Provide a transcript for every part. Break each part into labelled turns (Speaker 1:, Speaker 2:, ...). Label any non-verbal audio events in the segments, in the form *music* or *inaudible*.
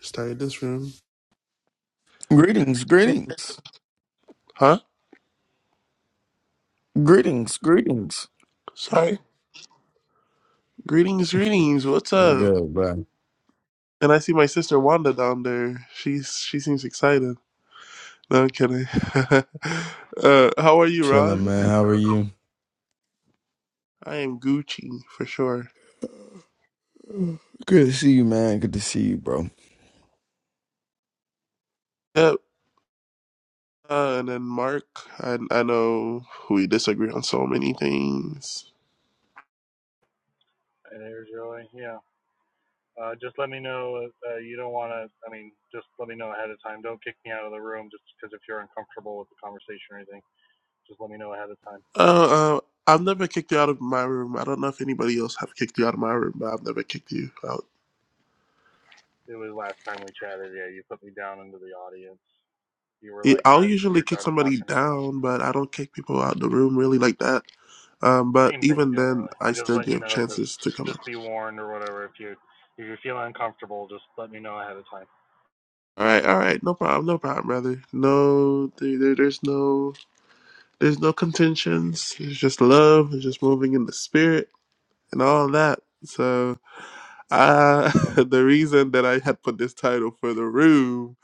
Speaker 1: Started this room.
Speaker 2: Greetings, greetings,
Speaker 1: Huh?
Speaker 2: greetings, greetings.
Speaker 1: Sorry. Greetings, greetings. What's
Speaker 2: What's
Speaker 1: up?
Speaker 2: good, bro?
Speaker 1: And I see my sister Wanda down there. She's she seems excited. No, I'm kidding. *laughs* uh, how are you,
Speaker 2: Chilling,
Speaker 1: Ron?
Speaker 2: man. How are you?
Speaker 1: I am Gucci for sure.
Speaker 2: Good to see you, man. Good to see you, bro.
Speaker 1: Yep. Uh, and then Mark, I I know we disagree on so many things.
Speaker 3: It is really, yeah. Uh, just let me know if uh, you don't want to. I mean, just let me know ahead of time. Don't kick me out of the room just because if you're uncomfortable with the conversation or anything, just let me know ahead of time.
Speaker 1: Uh, uh, I've never kicked you out of my room. I don't know if anybody else have kicked you out of my room, but I've never kicked you out.
Speaker 3: It was last time we chatted. Yeah, you put me down into the audience. You were
Speaker 1: Yeah,
Speaker 3: like,
Speaker 1: I'll
Speaker 3: "I,
Speaker 1: usually
Speaker 3: you're
Speaker 1: kick
Speaker 3: done
Speaker 1: somebody
Speaker 3: talking to me."
Speaker 1: down, but I don't kick people out the room really like that. Um, but
Speaker 3: Same thing
Speaker 1: even then,
Speaker 3: generally.
Speaker 1: I
Speaker 3: I'm just
Speaker 1: still
Speaker 3: letting you
Speaker 1: give
Speaker 3: know. Just,
Speaker 1: chances to come
Speaker 3: just
Speaker 1: up.
Speaker 3: be warned or whatever. If you, if you're feeling uncomfortable, just let me know ahead of time.
Speaker 1: All right, all right, no problem, no problem, brother. No, there, there- there's no, there's no contentions. It's just love. It's just moving in the spirit and all that. So, uh, *laughs* the reason that I had put this title for the room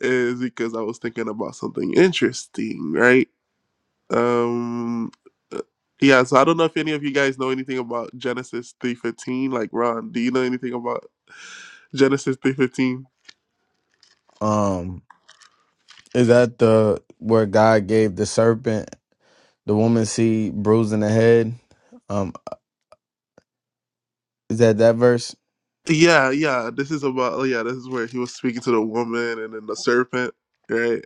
Speaker 1: is because I was thinking about something interesting, right? Um, uh, yeah. So I don't know if any of you guys know anything about Genesis three fifteen. Like Ron, do you know anything about Genesis three fifteen?
Speaker 2: Um, is that the where God gave the serpent the woman seed bruising the head? Um, is that that verse?
Speaker 1: Yeah, yeah. This is about oh, yeah, this is where he was speaking to the woman and then the serpent, right?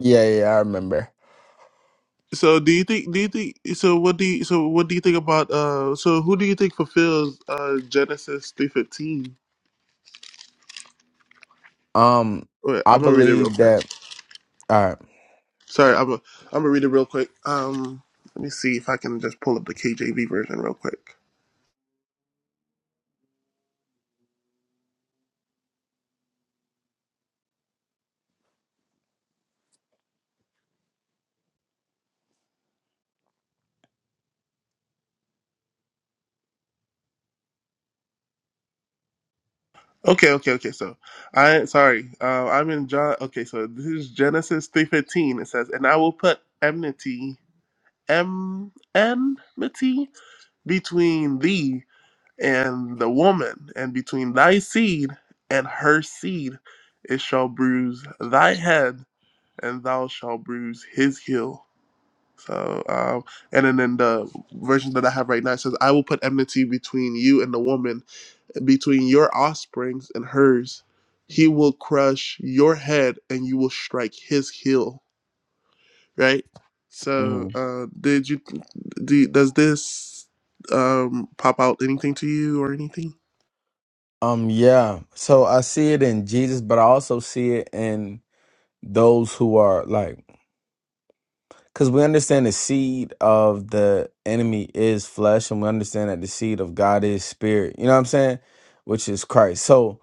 Speaker 2: Yeah, yeah, yeah, I remember.
Speaker 1: So do you think do you think so what do you so what do you think about uh so who do you think fulfills uh Genesis three fifteen?
Speaker 2: Um,
Speaker 1: Wait,
Speaker 2: I
Speaker 1: I'm gonna read it real
Speaker 2: believe
Speaker 1: quick.
Speaker 2: that. All right.
Speaker 1: Sorry, I'm gonna I'm gonna read it real quick. Um let me see if I can just pull up the KJV version real quick. Okay, okay, okay. So I sorry. Uh, I'm in John okay, so this is Genesis three fifteen. It says, And I will put enmity em enmity between thee and the woman, and between thy seed and her seed. It shall bruise thy head, and thou shalt bruise his heel. So, um, and then in the version that I have right now, it says, I will put enmity between you and the woman, between your offsprings and hers. He will crush your head, and you will strike his heel right? So,
Speaker 2: Mhm.
Speaker 1: uh, did you do? Does this um pop out anything to you or anything?
Speaker 2: Um, yeah. So I see it in Jesus, but I also see it in those who are like Because we understand the seed of the enemy is flesh, and we understand that the seed of God is spirit. You know what I'm saying? Which is Christ. So,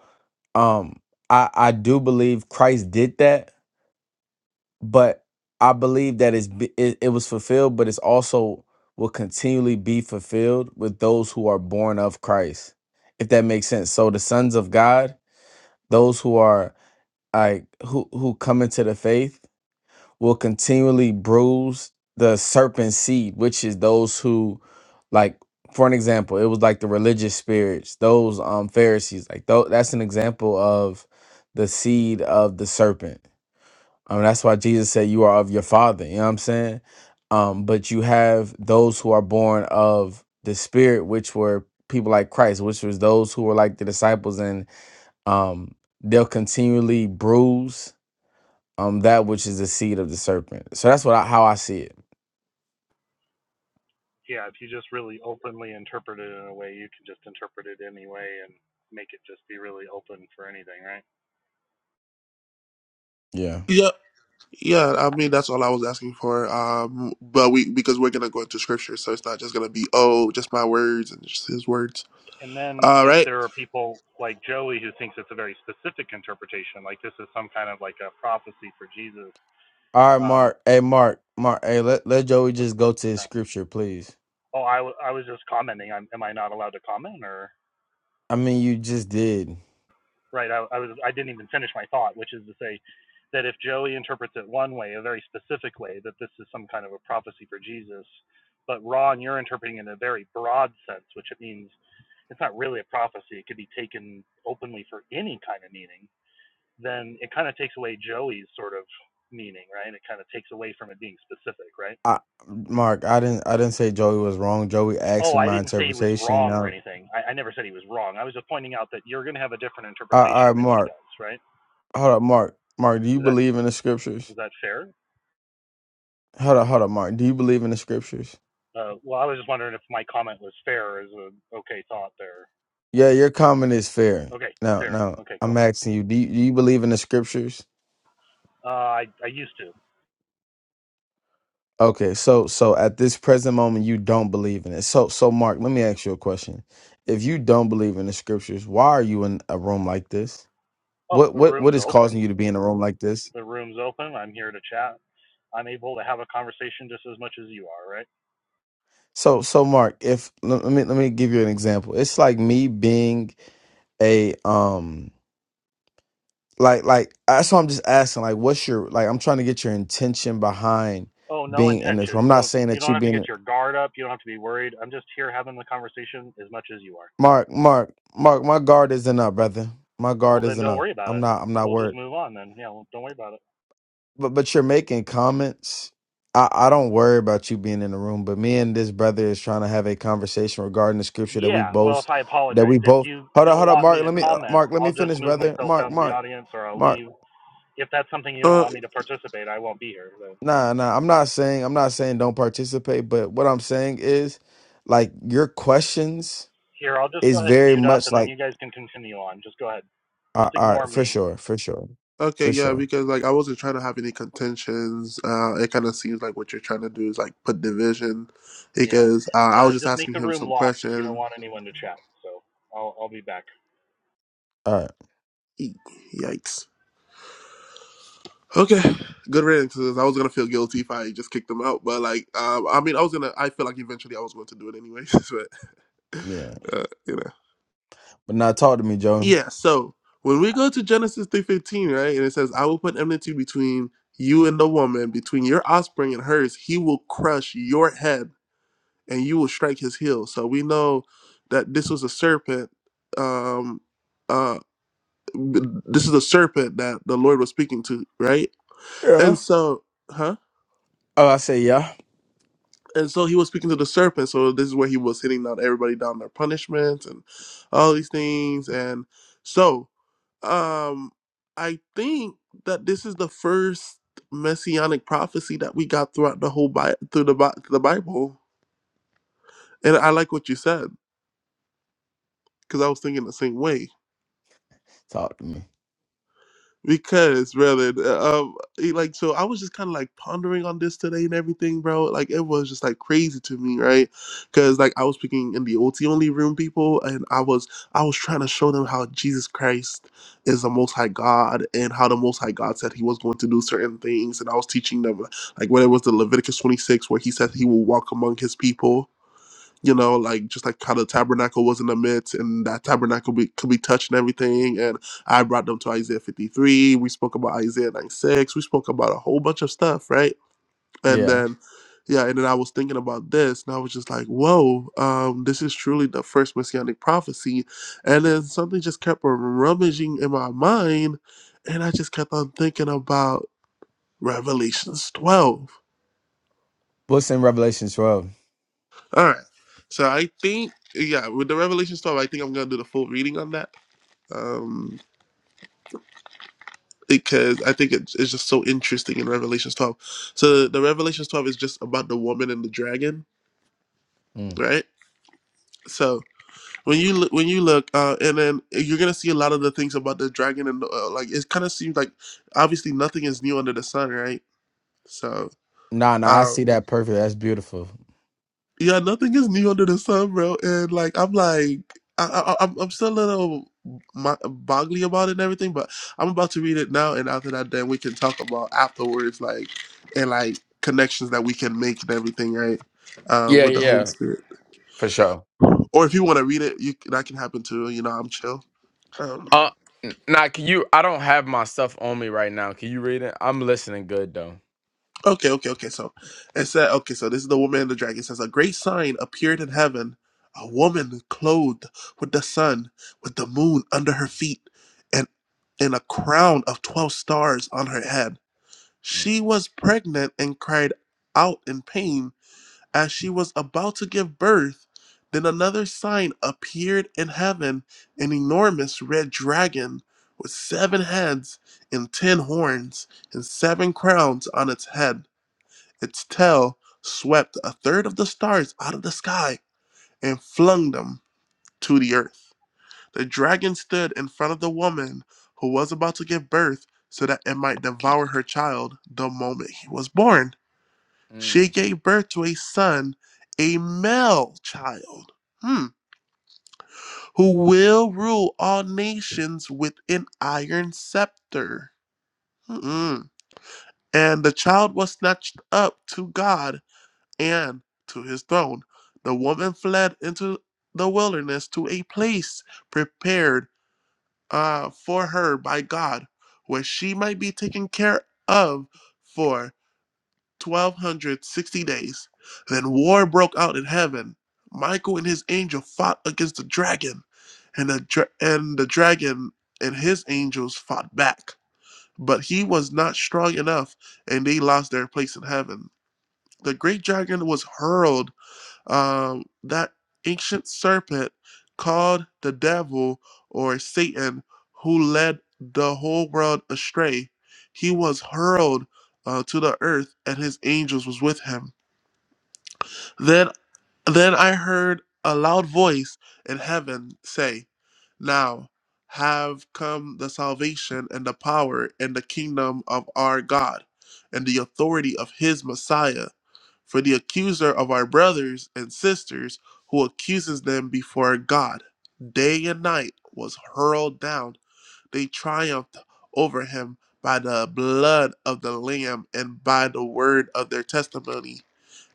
Speaker 2: um, I I do believe Christ did that, but I believe that it's, be- it it was fulfilled, but it's also will continually be fulfilled with those who are born of Christ, if that makes sense. So the sons of God, those who are like who who come into the faith will continually bruise the serpent seed, which is those who, like, for an example, it was like the religious spirits, those um Pharisees, like tho- that's an example of the seed of the serpent. I mean, that's why Jesus said you are of your father. You know what I'm saying? Um, but you have those who are born of the spirit, which were people like Christ, which was those who were like the disciples, and um, they'll continually bruise um that which is the seed of the serpent. So that's what I, how I see it.
Speaker 3: Yeah, if you just really openly interpret it in a way, you can just interpret it any way and make it just be really open for anything, right?
Speaker 2: Yeah.
Speaker 1: Yeah, yeah. I mean, that's all I was asking for. Um, but we because we're gonna go into scripture, so it's not just gonna be oh, just my words and just his words.
Speaker 3: And then
Speaker 1: All
Speaker 3: if
Speaker 1: right.
Speaker 3: there are people like Joey who thinks it's a very specific interpretation, like this is some kind of like a prophecy for Jesus.
Speaker 2: All right,
Speaker 3: Um,
Speaker 2: Mark. Hey, Mark. Mark. Hey, let let Joey
Speaker 3: what,
Speaker 2: just go to
Speaker 3: what's
Speaker 2: his
Speaker 3: that?
Speaker 2: scripture, please.
Speaker 3: Oh, I, w- I was just commenting. I'm, am I not allowed to comment? Or
Speaker 2: I mean, you just did.
Speaker 3: right? I, I was. I didn't even finish my thought, which is to say that if Joey interprets it one way, a very specific way, that this is some kind of a prophecy for Jesus, but Ron, you're interpreting it in a very broad sense, which it means it's not really a prophecy. It could be taken openly for any kind of meaning then it kind of takes away Joey's sort of meaning, right? It kind of takes away from it being specific, right?
Speaker 2: I, Mark. I didn't. I didn't say Joey was wrong. Joey asked
Speaker 3: Oh,
Speaker 2: me
Speaker 3: I
Speaker 2: my
Speaker 3: didn't say he was
Speaker 2: interpretation.
Speaker 3: wrong or
Speaker 2: Now,
Speaker 3: anything. I, I never said he was wrong. I was just pointing out that you're going to have a different
Speaker 2: all all
Speaker 3: interpretation
Speaker 2: right,
Speaker 3: than he
Speaker 2: Mark.
Speaker 3: does, right?
Speaker 2: Hold up, Mark. Mark, do you
Speaker 3: Is that
Speaker 2: believe in the scriptures?
Speaker 3: is that fair?
Speaker 2: Hold up, hold up, Mark. Do you believe in the scriptures?
Speaker 3: Uh, well, I was just wondering if my comment was fair as an okay thought there.
Speaker 2: Yeah, your comment is fair.
Speaker 3: Okay,
Speaker 2: Now,
Speaker 3: fair.
Speaker 2: now,
Speaker 3: Okay,
Speaker 2: I'm
Speaker 3: cool.
Speaker 2: asking you. Do you, do you believe in the scriptures?
Speaker 3: Uh, I I used to.
Speaker 2: Okay, so so at this present moment you don't believe in it. So so Mark, let me ask you a question. If you don't believe in the scriptures, why are you in a room like this?
Speaker 3: Oh,
Speaker 2: What
Speaker 3: the
Speaker 2: what
Speaker 3: room
Speaker 2: what
Speaker 3: is
Speaker 2: is
Speaker 3: open.
Speaker 2: causing you to be in a room like this?
Speaker 3: The room's open. I'm here to chat. I'm able to have a conversation just as much as you are, right?
Speaker 2: So so Mark, if let let me let me give you an example. It's like me being a um like like that's why I'm just asking like what's your like I'm trying to get your intention behind
Speaker 3: Oh, no
Speaker 2: being in this room.
Speaker 3: intention.
Speaker 2: I'm not
Speaker 3: Don't
Speaker 2: saying
Speaker 3: you
Speaker 2: that
Speaker 3: don't
Speaker 2: you
Speaker 3: have to get
Speaker 2: being
Speaker 3: your guard up. You don't have to be worried. I'm just here having the conversation as much as you are.
Speaker 2: Mark Mark Mark my guard isn't up, brother. My
Speaker 3: Well,
Speaker 2: guard
Speaker 3: then
Speaker 2: isn't
Speaker 3: don't
Speaker 2: up.
Speaker 3: worry about
Speaker 2: I'm
Speaker 3: it.
Speaker 2: not I'm not
Speaker 3: We'll
Speaker 2: worried.
Speaker 3: just move on then. Yeah, well, don't worry about it.
Speaker 2: but but you're making comments. I, I don't worry about you being in the room, but me and this brother is trying to have a conversation regarding the scripture that we
Speaker 3: Yeah, well, if
Speaker 2: both
Speaker 3: I
Speaker 2: that
Speaker 3: apologize,
Speaker 2: we
Speaker 3: if
Speaker 2: both
Speaker 3: you
Speaker 2: hold up,
Speaker 3: don't
Speaker 2: hold up,
Speaker 3: want me
Speaker 2: Mark.
Speaker 3: to
Speaker 2: Let me uh,
Speaker 3: comment,
Speaker 2: Mark, let me
Speaker 3: I'll just
Speaker 2: finish,
Speaker 3: move
Speaker 2: brother.
Speaker 3: myself
Speaker 2: Mark,
Speaker 3: down to the
Speaker 2: Mark,
Speaker 3: audience or I'll
Speaker 2: Mark.
Speaker 3: leave. If that's something you don't
Speaker 1: Uh,
Speaker 3: want me to participate, I won't be here. So
Speaker 2: Nah, nah. I'm not saying I'm not saying don't participate, but what I'm saying is like your questions
Speaker 3: here, I'll just
Speaker 2: is
Speaker 3: go ahead and
Speaker 2: very
Speaker 3: mute up
Speaker 2: much
Speaker 3: and then
Speaker 2: like
Speaker 3: you guys can continue on. Just go ahead.
Speaker 2: all right,
Speaker 3: Just
Speaker 2: all
Speaker 3: ignore
Speaker 2: right, for
Speaker 3: me.
Speaker 2: sure, for sure,
Speaker 1: okay,
Speaker 2: for
Speaker 1: yeah.
Speaker 2: sure.
Speaker 1: Because like I wasn't trying to have any contentions. Uh, it kind of seems like what you're trying to do is like put division.
Speaker 3: Yeah.
Speaker 1: Because uh, I
Speaker 3: Uh,
Speaker 1: was just
Speaker 3: just make
Speaker 1: asking
Speaker 3: the
Speaker 1: him
Speaker 3: room
Speaker 1: some
Speaker 3: locked if you don't
Speaker 1: question.
Speaker 3: want anyone to chat. So I'll, I'll be back.
Speaker 2: All right,
Speaker 1: Yikes. Okay, good riddance, because I was gonna feel guilty if I just kicked them out, but like, um, I mean, I was gonna. I feel like eventually I was going to do it anyways, *laughs* but
Speaker 2: yeah.
Speaker 1: uh, you know,
Speaker 2: But now talk to me, Joe.
Speaker 1: yeah. So when we go to Genesis three fifteen, right, and it says, "I will put enmity between you and the woman, between your offspring and hers. He will crush your head, and you will strike his heel." So we know that this was a serpent. Um, uh, this is a serpent that the Lord was speaking to, right?
Speaker 2: Yeah.
Speaker 1: And so, huh?
Speaker 2: Oh, I say yeah.
Speaker 1: and so he was speaking to the serpent. So this is where he was hitting on everybody down their punishments and all these things. And so um I think that this is the first messianic prophecy that we got throughout the whole Bible, through the Bi- the Bible. And I like what you said because I was thinking the same way.
Speaker 2: Talk to me.
Speaker 1: because brother uh, um he, like so i was just kind of like pondering on this today and everything bro like it was just like crazy to me right because like i was speaking in the ot only room people and i was i was trying to show them how jesus christ is the most high god and how the most high god said he was going to do certain things and i was teaching them like whether it was the leviticus 26 where he said he will walk among his people you know, like just like how the tabernacle was in the midst, and that tabernacle be, could be touched and everything. And I brought them to Isaiah 53. We spoke about Isaiah 96. We spoke about a whole bunch of stuff, right? And
Speaker 2: Yeah.
Speaker 1: then, yeah, and then I was thinking about this, and I was just like, whoa, um, this is truly the first messianic prophecy. And then something just kept rummaging in my mind, and I just kept on thinking about Revelations 12.
Speaker 2: What's in Revelation 12?
Speaker 1: All right. So I think, yeah, with the Revelations 12, I think I'm going to do the full reading on that um, because I think it's, it's just so interesting in Revelations 12. So the Revelations 12 is just about the woman and the dragon,
Speaker 2: Mm.
Speaker 1: right? So when you look, when you look, uh, and then you're gonna see a lot of the things about the dragon and uh, like it kind of seems like obviously nothing is new under the sun, right? So
Speaker 2: Nah, nah, I
Speaker 1: um,
Speaker 2: see that perfect. That's beautiful.
Speaker 1: Yeah, nothing is new under the sun, bro. And like, I'm like, I, I, I'm I'm still a little mo- boggly about it and everything, but I'm about to read it now, and after that, then we can talk about afterwards, like, and like connections that we can make and everything, right? Uh,
Speaker 2: Yeah,
Speaker 1: with the Holy
Speaker 2: yeah,
Speaker 1: Spirit.
Speaker 2: for sure.
Speaker 1: Or if you want to read it, you that can happen too. You know, I'm chill. Um,
Speaker 2: Uh, n- nah, can you? I don't have my stuff on me right now. Can you read it? I'm listening good though.
Speaker 1: Okay, okay, okay. So it said, okay, so this is the woman and the dragon. It says, A great sign appeared in heaven a woman clothed with the sun, with the moon under her feet, and, and a crown of 12 stars on her head.
Speaker 2: Mm.
Speaker 1: She was pregnant and cried out in pain as she was about to give birth. Then another sign appeared in heaven an enormous red dragon with seven heads and ten horns and seven crowns on its head. Its tail swept a third of the stars out of the sky and flung them to the earth. The dragon stood in front of the woman who was about to give birth so that it might devour her child the moment he was born. She
Speaker 2: Mm.
Speaker 1: gave birth to a son, a male child, hmm, who will rule all nations with an iron scepter. Mm-mm. And the child was snatched up to God and to his throne. The woman fled into the wilderness to a place prepared uh, for her by God, where she might be taken care of for 1260 days. Then war broke out in heaven. Michael and his angel fought against the dragon, and the, dra- and the dragon and his angels fought back. But he was not strong enough, and they lost their place in heaven. The great dragon was hurled um, that ancient serpent called the devil or Satan, who led the whole world astray. He was hurled uh, to the earth, and his angels was with him. Then then I heard a loud voice in heaven say, Now have come the salvation and the power and the kingdom of our God and the authority of his Messiah. For the accuser of our brothers and sisters who accuses them before God day and night was hurled down. They triumphed over him by the blood of the Lamb and by the word of their testimony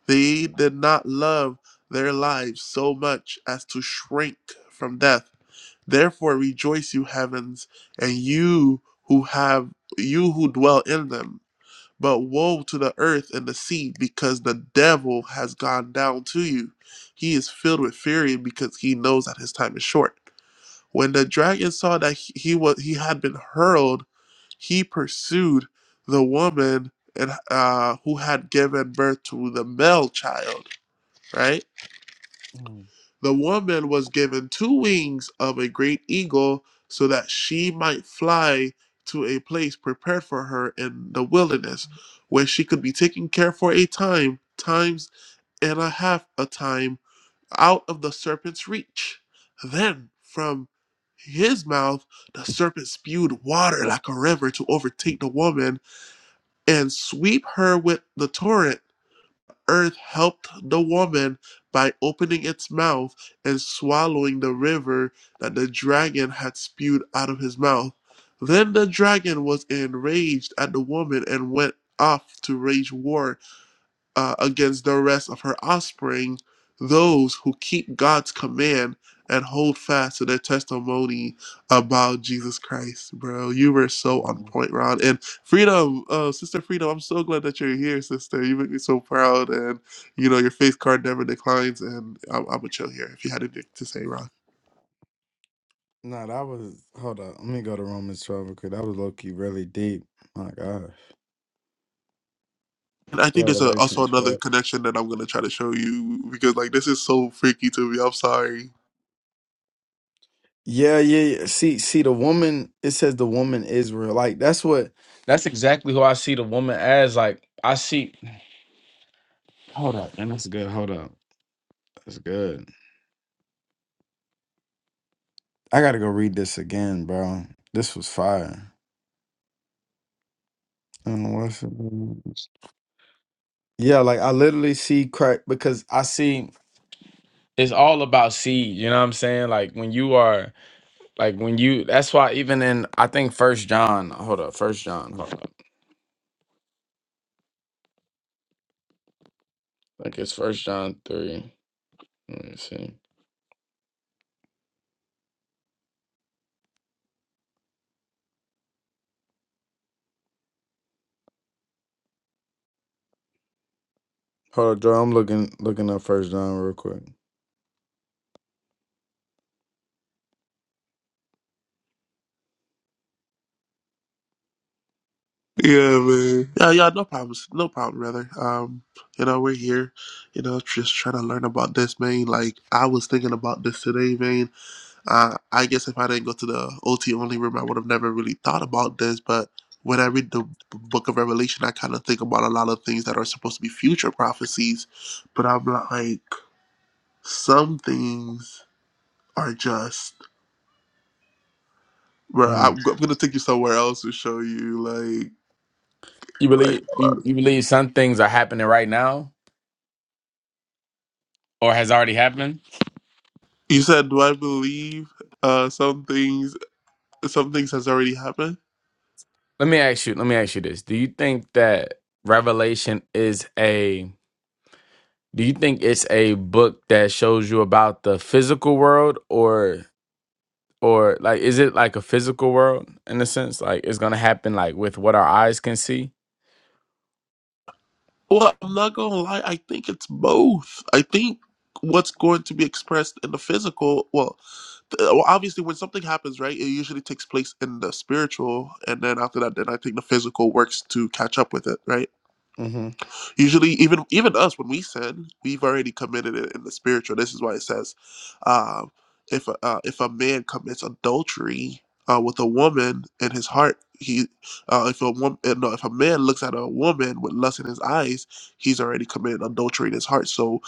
Speaker 1: they did not love their lives so much as to shrink from death. Therefore rejoice you heavens, and you who have you who dwell in them. But woe to the earth and the sea, because the devil has gone down to you. He is filled with fury because he knows that his time is short. When the dragon saw that he, he was he had been hurled, he pursued the woman and uh, who had given birth to the male child right?
Speaker 2: Mm,
Speaker 1: The woman was given two wings of a great eagle so that she might fly to a place prepared for her in the wilderness where she could be taken care for a time, times and a half a time out of the serpent's reach. Then from his mouth, the serpent spewed water like a river to overtake the woman and sweep her with the torrent. earth helped the woman by opening its mouth and swallowing the river that the dragon had spewed out of his mouth. Then the dragon was enraged at the woman and went off to wage war uh, against the rest of her offspring, those who keep God's command and hold fast to their testimony about Jesus Christ, bro. You were so on
Speaker 2: mm.
Speaker 1: point, Ron. And Freedom, uh, Sister Freedom, I'm so glad that you're here, sister. You make me so proud. And, you know, your faith card never declines. And I'm, I'm going to chill here if you had anything to say, Ron.
Speaker 2: Nah, that was hold up. Let me go to Romans 12 because that was low key really deep. My gosh.
Speaker 1: And I think there's a,
Speaker 2: Revelation
Speaker 1: also another
Speaker 2: 12.
Speaker 1: connection that I'm going to try to show you because, like, this is so freaky to me. I'm sorry.
Speaker 2: Yeah, yeah, yeah. See, see, the woman, it says the woman Israel. Like, that's what That's exactly who I see the woman as. Like I see. Hold up, and that's good. Hold up. That's good. I gotta go read this again, bro. This was fire. I don't know what it's about. Yeah, like I literally see crack because I see it's all about seed. You know what I'm saying? Like when you are like when you. That's why even in I think First John. Hold up, First John. Hold up. Like it's First John three. Let me see. Hold up, Joe. I'm looking looking up First John real quick.
Speaker 1: Yeah, man. Yeah, yeah, no problems. No problem, brother. Um, you know, we're here, you know, just trying to learn about this, man. Like, I was thinking about this today, man. Uh, I guess if I didn't go to the OT only room, I would have never really thought about this. But when I read the book of Revelation, I kind of think about a lot of things that are supposed to be future prophecies. But I'm like, some things are just, bro,
Speaker 2: Mm.
Speaker 1: I'm, I'm going to take you somewhere else to show you, like,
Speaker 2: You believe
Speaker 1: like,
Speaker 2: you, you believe some things are happening right now or has already happened?
Speaker 1: You said, do I believe uh, some things? Some things has already happened.
Speaker 2: Let me ask you, let me ask you this. Do you think that Revelation is a do you think it's a book that shows you about the physical world or or like is it like a physical world in a sense? Like it's gonna happen like with what our eyes can see?
Speaker 1: Well, I'm not gonna lie. I think it's both. I think what's going to be expressed in the physical. Well, th- well, obviously, when something happens, right, it usually takes place in the spiritual, and then after that, then I think the physical works to catch up with it, right?
Speaker 2: hmm
Speaker 1: Usually, even even us when we sin, we've already committed it in the spiritual. This is why it says, um, if a, uh, if a man commits adultery uh, with a woman in his heart, he uh, if a woman no, if a man looks at a woman with lust in his eyes, he's already committed adultery in his heart. So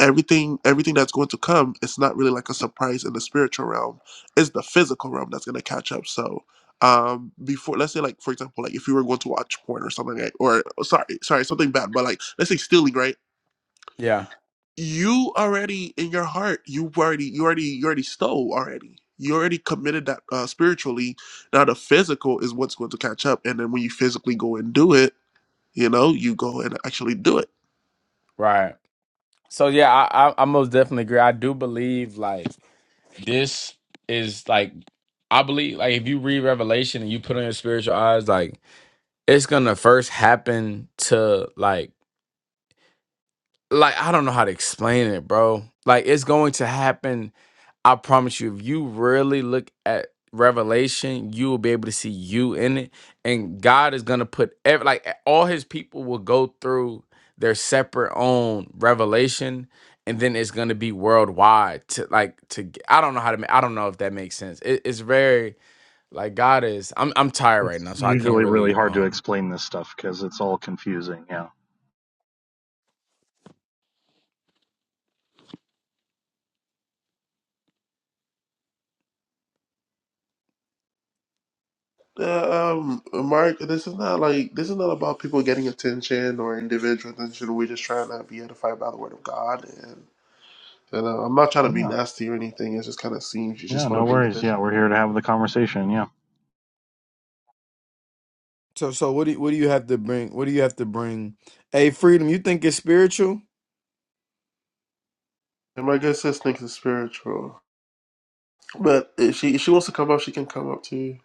Speaker 1: everything everything that's going to come it's not really like a surprise in the spiritual realm it's the physical realm that's going to catch up so um before let's say like for example like if you were going to watch porn or something like or oh, sorry sorry something bad but like let's say stealing right
Speaker 2: Yeah.
Speaker 1: you already in your heart you already you already you already stole already you already committed that uh, spiritually now the physical is what's going to catch up and then when you physically go and do it you know you go and actually do it
Speaker 2: Right. So yeah, I, I I most definitely agree. I do believe like this is like I believe like if you read Revelation and you put on your spiritual eyes, like it's gonna first happen to like like I don't know how to explain it, bro. Like it's going to happen. I promise you, if you really look at Revelation, you will be able to see you in it. And God is gonna put every like all his people will go through their separate own revelation and then it's gonna be worldwide to like to I don't know how to ma- I don't know if that makes sense. It, it's very like God is. I'm I'm tired right
Speaker 3: It's
Speaker 2: now, so I can't
Speaker 3: usually really
Speaker 2: really
Speaker 3: hard to
Speaker 2: um.
Speaker 3: explain this stuff because it's all confusing. Yeah.
Speaker 1: Uh, um, Mark, this is not like this is not about people getting attention or individual attention. We're just trying to be edified by the word of God, and and uh, I'm not trying to be
Speaker 3: Yeah.
Speaker 1: nasty or anything. It just kind of seems you
Speaker 3: Yeah.
Speaker 1: just want
Speaker 3: No
Speaker 1: to bring
Speaker 3: worries. Yeah.
Speaker 1: division.
Speaker 3: We're here to have the conversation. Yeah.
Speaker 2: So so what do you, what do you have to bring? What do you have to bring? Hey, freedom, you think it's spiritual?
Speaker 1: And my good sis thinks it's spiritual, but if she if she wants to come up, she can come up too.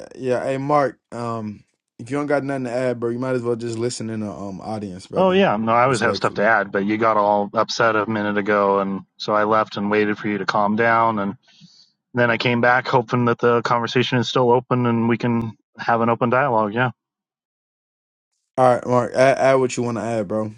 Speaker 2: Uh, Yeah, hey Mark, um if you don't got nothing to add, bro, you might as well just listen in the um audience,
Speaker 3: Oh,
Speaker 2: brother.
Speaker 3: yeah. No, I always have stuff to
Speaker 2: Respectfully.
Speaker 3: add, but you got all upset a minute ago. And so I left and waited for you to calm down. And then I came back hoping that the conversation is still open and we can have an open dialogue. Yeah.
Speaker 2: All right, Mark, add, add what you want to add, bro.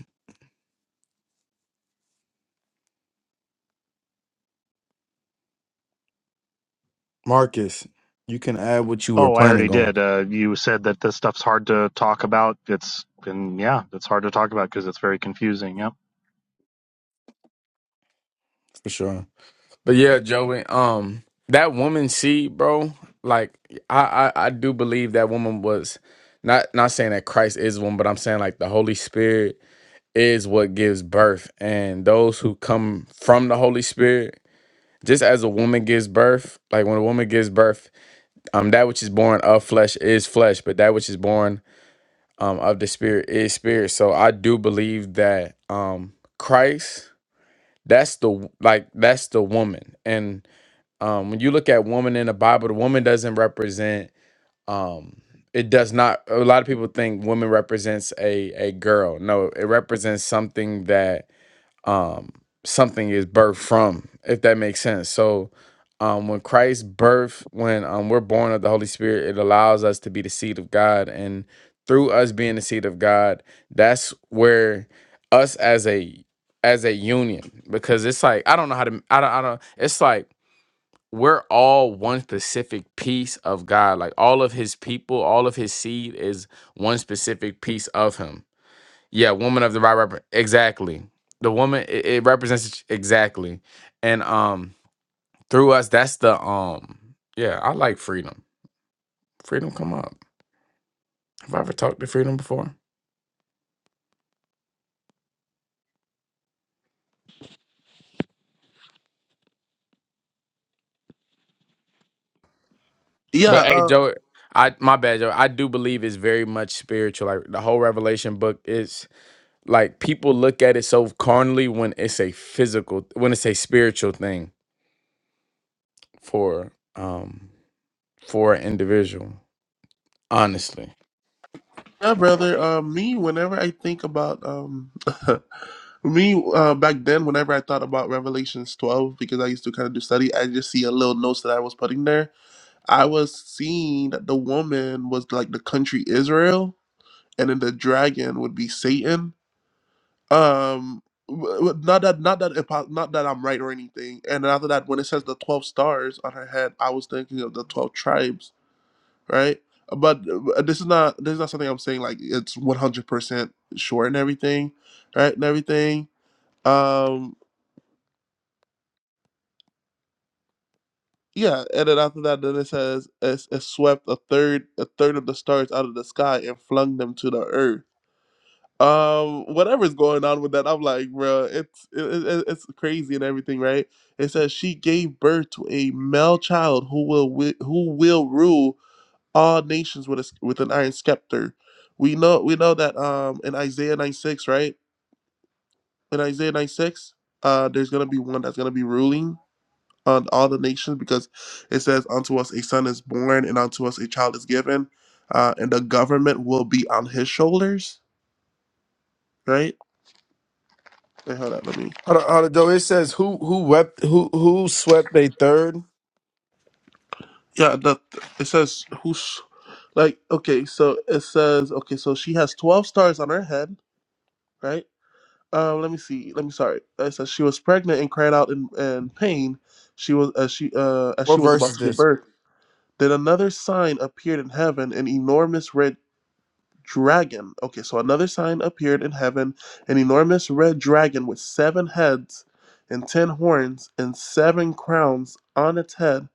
Speaker 2: Marcus, you can add what you were
Speaker 3: Oh, I already
Speaker 2: planning on
Speaker 3: did. Uh, you said that this stuff's hard to talk about. It's and yeah, it's hard to talk about because it's very confusing. Yep.
Speaker 2: for sure. But yeah, Joey, um, that woman seed, bro. Like, I, I, I do believe that woman was not not saying that Christ is one, but I'm saying like the Holy Spirit is what gives birth, and those who come from the Holy Spirit, just as a woman gives birth, like when a woman gives birth, um, that which is born of flesh is flesh, but that which is born um of the Spirit is spirit. So I do believe that um Christ, that's the like that's the woman, and um, when you look at woman in the Bible, the woman doesn't represent. Um, it does not. A lot of people think woman represents a a girl. No, it represents something that um something is birthed from. If that makes sense. So, um, when Christ birth, when um we're born of the Holy Spirit, it allows us to be the seed of God, and through us being the seed of God, that's where us as a as a union because it's like I don't know how to I don't I don't it's like we're all one specific piece of God. Like all of his people, all of his seed is one specific piece of him. Yeah, woman of the right rep- exactly. The woman it, it represents exactly. And um through us that's the um yeah, I like freedom. Freedom come up. Have I ever talked to freedom before?
Speaker 1: Yeah.
Speaker 2: But hey
Speaker 1: uh,
Speaker 2: Joe, I my bad Joe. I do believe it's very much spiritual. Like the whole Revelation book is like people look at it so carnally when it's a physical when it's a spiritual thing for um for an individual honestly
Speaker 1: Yeah, brother. Uh, me, whenever I think about um, *laughs* me uh, back then, whenever I thought about Revelations 12, because I used to kind of do study, I just see a little notes that I was putting there. I was seeing that the woman was like the country Israel, and then the dragon would be Satan. Um, w- w- not that, not that, apo- not that I'm right or anything. And after that, when it says the 12 stars on her head, I was thinking of the 12 tribes right? But uh, this is not this is not something I'm saying like it's 100 percent sure and everything, right? And everything. Um, yeah. And then after that, then it says it's, it swept a third a third of the stars out of the sky and flung them to the earth. Um, whatever's going on with that, I'm like, bro, it's it, it, it's crazy and everything, right? It says she gave birth to a male child who will wi- who will rule all nations with a with an iron scepter. We know we know that um in Isaiah 96, right? In Isaiah 96, uh there's going to be one that's going to be ruling on all the nations because it says unto us a son is born and unto us a child is given uh and the government will be on his shoulders, right? Wait, hold on, let me.
Speaker 2: Hold on, hold on, though. It says who who wept who who swept they third.
Speaker 1: Yeah, the it says who's like okay, so it says okay, so she has 12 stars on her head, right? Uh, let me see. Let me sorry. Uh, It says she was pregnant and cried out in, in pain. She was as she uh, as
Speaker 2: What
Speaker 1: she was
Speaker 2: verse
Speaker 1: about
Speaker 2: is
Speaker 1: to give
Speaker 2: this?
Speaker 1: birth. Then another sign appeared in heaven, an enormous red dragon. Okay, so another sign appeared in heaven, an enormous red dragon with seven heads and ten horns and seven crowns on its head.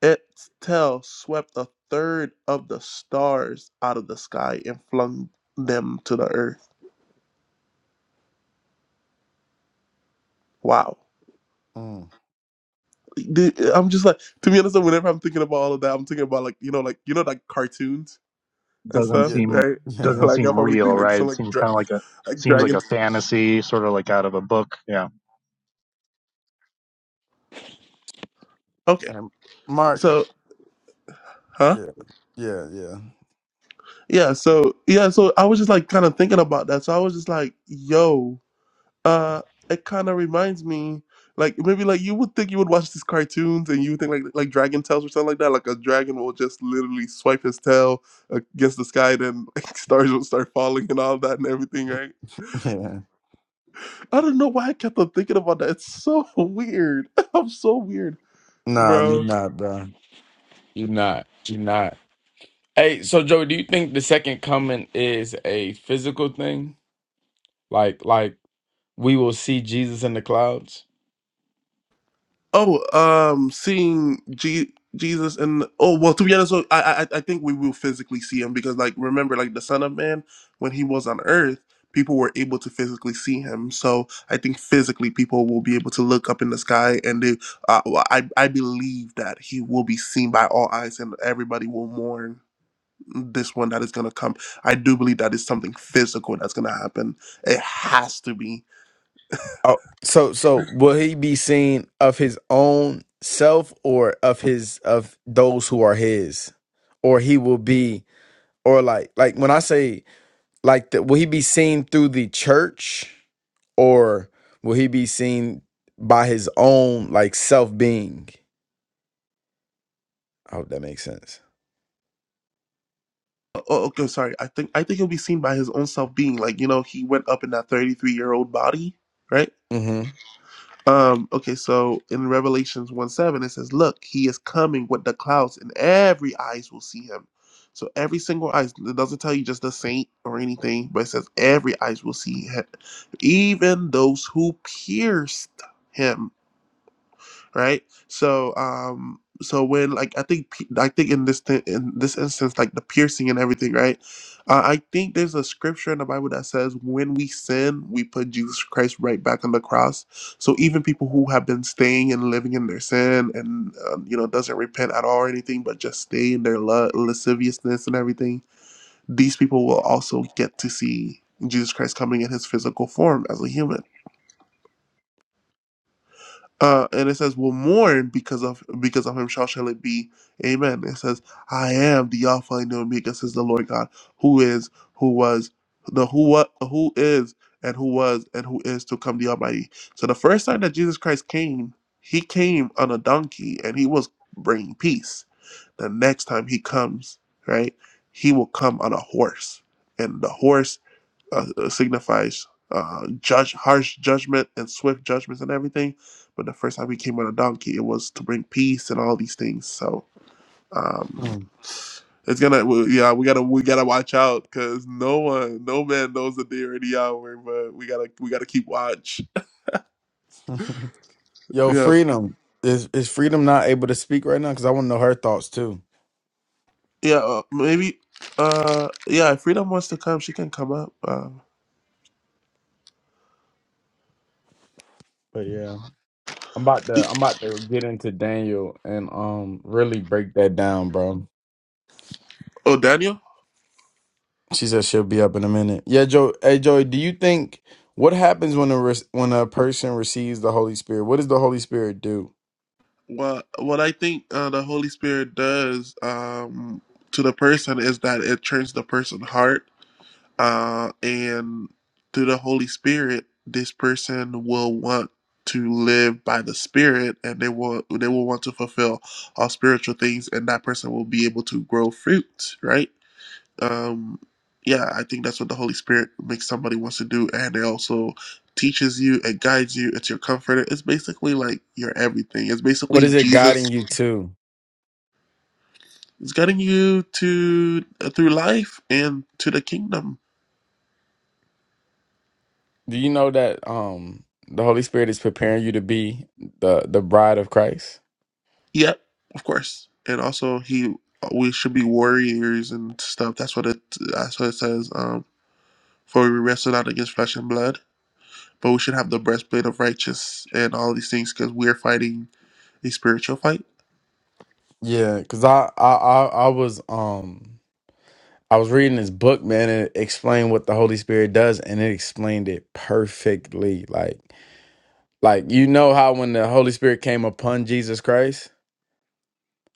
Speaker 1: Its tail swept a third of the stars out of the sky and flung them to the earth. Wow.
Speaker 2: Mm,
Speaker 1: the- I'm just like, to be honest, whenever I'm thinking about all of that, I'm thinking about like, you know, like you know, like cartoons and
Speaker 3: Doesn't
Speaker 1: stuff,
Speaker 2: yeah,
Speaker 3: seem
Speaker 1: right?
Speaker 2: *laughs*
Speaker 1: *laughs*
Speaker 2: yeah.
Speaker 3: doesn't
Speaker 1: like
Speaker 3: seem
Speaker 1: I'll probably think
Speaker 3: real,
Speaker 1: like
Speaker 3: right?
Speaker 1: some
Speaker 3: It
Speaker 1: like
Speaker 3: seems
Speaker 1: dra-
Speaker 3: kind of like a
Speaker 1: like
Speaker 3: seems like a
Speaker 1: dragons.
Speaker 3: fantasy, sort of like out of a book. Yeah.
Speaker 1: Okay,
Speaker 2: Um, Mark.
Speaker 1: so huh?
Speaker 2: Yeah, yeah, yeah,
Speaker 1: Yeah, so yeah, so I was just like kind of thinking about that. So I was just like, yo, uh, it kind of reminds me. Like maybe like you would think you would watch these cartoons and you would think like like dragon tails or something like that like a dragon will just literally swipe his tail against the sky then like *laughs* stars will start falling and all that and everything right
Speaker 2: *laughs* yeah.
Speaker 1: I don't know why I kept on thinking about that. It's so *laughs* weird. *laughs* I'm so weird,
Speaker 2: Nah, you
Speaker 1: bro.
Speaker 2: not, bro. you're not you're not hey so Joey, do you think the second coming is a physical thing like like we will see Jesus in the clouds?
Speaker 1: Oh, um, seeing G- Jesus and oh well, to be honest, so I I I think we will physically see him because like remember like the Son of Man when he was on Earth, people were able to physically see him. So I think physically people will be able to look up in the sky and they, uh, well, I I believe that he will be seen by all eyes and everybody will mourn this one that is going to come. I do believe that is something physical that's going to happen. It has to be.
Speaker 2: Oh, so so will he be seen of his own self or of his of those who are his, or he will be or like like when I say like that will he be seen through the church or will he be seen by his own like self being? I hope that makes sense.
Speaker 1: Oh, oh, okay, sorry. I think I think he'll be seen by his own self being like you know he went up in that thirty three year old body, right?
Speaker 2: Mm-hmm.
Speaker 1: Um. Okay, so in Revelations one seven it says, "Look, he is coming with the clouds, and every eyes will see him." So every single eyes. It doesn't tell you just the saint or anything, but it says every eyes will see him, even those who pierced him right? So um so when like I think pe- I think in this thi- in this instance like the piercing and everything, right? Uh, I think there's a scripture in the Bible that says when we sin, we put Jesus Christ right back on the cross. So even people who have been staying and living in their sin and um, you know doesn't repent at all or anything, but just stay in their la- lasciviousness and everything, these people will also get to see Jesus Christ coming in his physical form as a human Uh, and it says, "Will mourn because of because of him shall shall it be." Amen. It says, "I am the Alpha and the Omega," says the Lord God, who is, who was, the who what, who is, and who was, and who is to come, the Almighty. So the first time that Jesus Christ came, he came on a donkey, and he was bringing peace. The next time he comes, right, he will come on a horse, and the horse uh, uh, signifies uh, judge, harsh judgment and swift judgments and everything. But the first time he came on a donkey, it was to bring peace and all these things. So um,
Speaker 2: Mm.
Speaker 1: it's gonna, we- yeah, we gotta, we gotta watch out because no one, no man knows the day or the hour. But we gotta, we gotta keep watch. *laughs*
Speaker 2: *laughs* Yo,
Speaker 1: Yeah,
Speaker 2: freedom is is freedom not able to speak right now because I want to know her thoughts too.
Speaker 1: yeah, uh, maybe. Uh, yeah, if Freedom wants to come, she can come up. Um,
Speaker 2: but yeah. I'm about to I'm about to get into Daniel and um really break that down, bro.
Speaker 1: oh, Daniel.
Speaker 2: She says she'll be up in a minute. Yeah, Joe. Hey, Joey, do you think what happens when a re- when a person receives the Holy Spirit? What does the Holy Spirit do?
Speaker 1: Well, what I think uh, the Holy Spirit does um, to the person is that it turns the person's heart, uh, and through the Holy Spirit, this person will want to live by the Spirit, and they will they will want to fulfill all spiritual things, and that person will be able to grow fruit, right? Um, yeah, I think that's what the Holy Spirit makes somebody wants to do, and it also teaches you, it guides you, it's your comforter. It's basically like your everything. It's
Speaker 2: What
Speaker 1: basically
Speaker 2: is it
Speaker 1: Jesus
Speaker 2: guiding you to?
Speaker 1: It's getting you to uh, through life and to the kingdom.
Speaker 2: Do you know that um the Holy Spirit is preparing you to be the the bride of Christ?
Speaker 1: Yep, of course. And also, he uh, we should be warriors and stuff. That's what it. That's what it says. Um, for we wrestle not against flesh and blood, but we should have the breastplate of righteousness and all these things because we are fighting a spiritual fight.
Speaker 2: Yeah, cuz I I I I was um I was reading this book, man, and it explained what the Holy Spirit does, and it explained it perfectly. Like, like you know how when the Holy Spirit came upon Jesus Christ,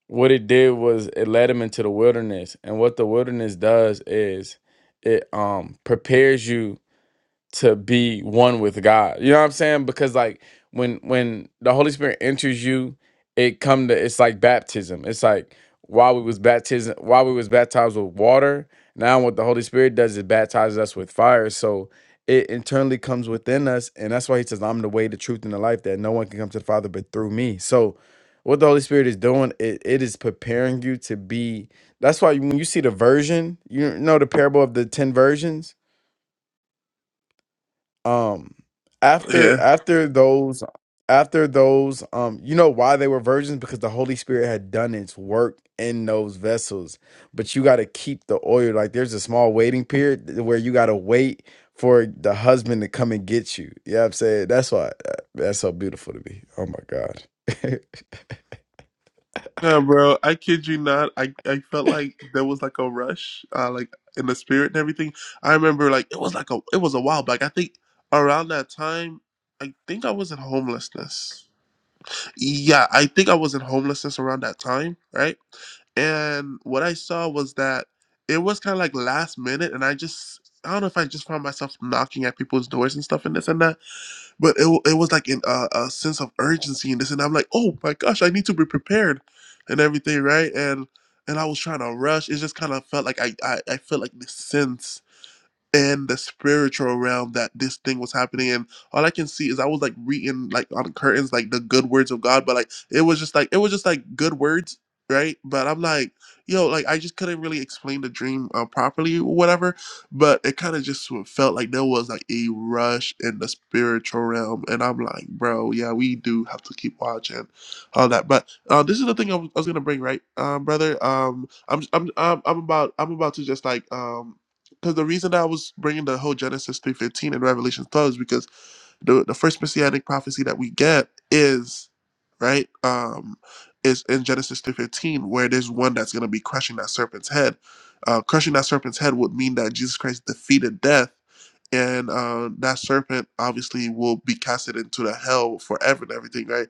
Speaker 2: what it did was it led him into the wilderness, and what the wilderness does is it um prepares you to be one with God. You know what I'm saying? Because like when when the Holy Spirit enters you, it come to it's like baptism. It's like while we was baptism while we was baptized with water, now what the Holy Spirit does is baptizes us with fire. So it internally comes within us, and that's why he says, I'm the way, the truth, and the life that no one can come to the Father but through me. So what the Holy Spirit is doing, it, it is preparing you to be. That's why when you see the version, you know the parable of the 10 versions? um
Speaker 1: Yeah.
Speaker 2: after after those after those um you know why they were virgins because the holy spirit had done its work in those vessels but you got to keep the oil like there's a small waiting period th- where you got to wait for the husband to come and get you yeah i'm saying that's why uh, that's so beautiful to me oh my god *laughs*
Speaker 1: Yeah, bro. I kid you not. I, I felt like there was like a rush, uh, like in the spirit and everything. I remember like it was like a it was a while back. I think around that time, I think I was in homelessness. Yeah, I think I was in homelessness around that time, right? And what I saw was that it was kind of like last minute, and I just I don't know if I just found myself knocking at people's doors and stuff and this and that but it, wa- it was like in a, a sense of urgency and this and i'm like oh my gosh i need to be prepared and everything right and and i was trying to rush it just kind of felt like i i, I felt like this sense in the spiritual realm that this thing was happening and all i can see is i was like reading like on curtains like the good words of god but like it was just like it was just like good words right but i'm like yo like i just couldn't really explain the dream uh, properly or whatever but it kind of just sort of felt like there was like a rush in the spiritual realm and i'm like bro yeah we do have to keep watching all that but uh, this is the thing I was, I was gonna bring right um brother um I'm, I'm i'm i'm about i'm about to just like um because the reason I was bringing the whole Genesis three fifteen and Revelation twelve is because the the first messianic prophecy that we get is right um is in Genesis three fifteen where there's one that's going to be crushing that serpent's head. Uh, crushing that serpent's head would mean that Jesus Christ defeated death and uh, that serpent obviously will be casted into the hell forever and everything, right?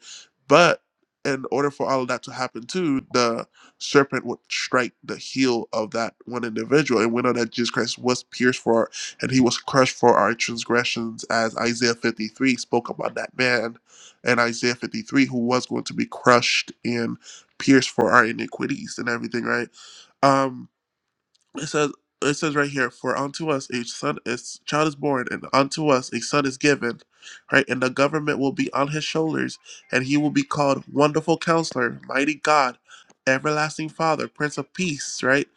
Speaker 1: But in order for all of that to happen too, the serpent would strike the heel of that one individual. And we know that Jesus Christ was pierced for our, and he was crushed for our transgressions, as Isaiah 53 spoke about that man and Isaiah 53, who was going to be crushed and pierced for our iniquities and everything, right? Um it says it says right here for unto us a son is child is born and unto us a son is given right and the government will be on his shoulders and he will be called wonderful counselor mighty god everlasting father prince of peace right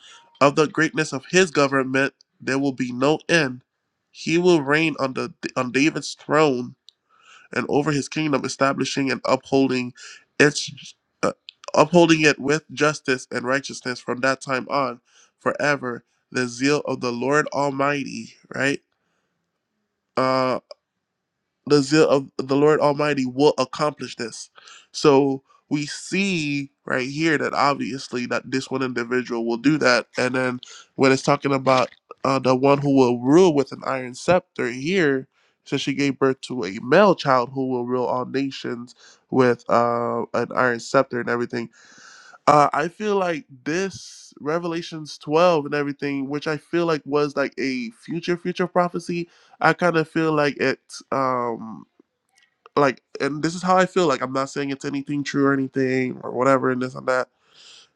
Speaker 1: of the greatness of his government there will be no end he will reign on the on david's throne and over his kingdom, establishing and upholding its uh, upholding it with justice and righteousness from that time on forever. The zeal of the Lord Almighty, right? Uh the zeal of the Lord Almighty will accomplish this. So we see right here that obviously that this one individual will do that, and then when it's talking about uh, the one who will rule with an iron scepter here, so she gave birth to a male child who will rule all nations with uh, an iron scepter and everything. Uh, I feel like this Revelations 12 and everything, which I feel like was like a future future prophecy, I kind of feel like it. Um, like and this is how i feel like i'm not saying it's anything true or anything or whatever and this and that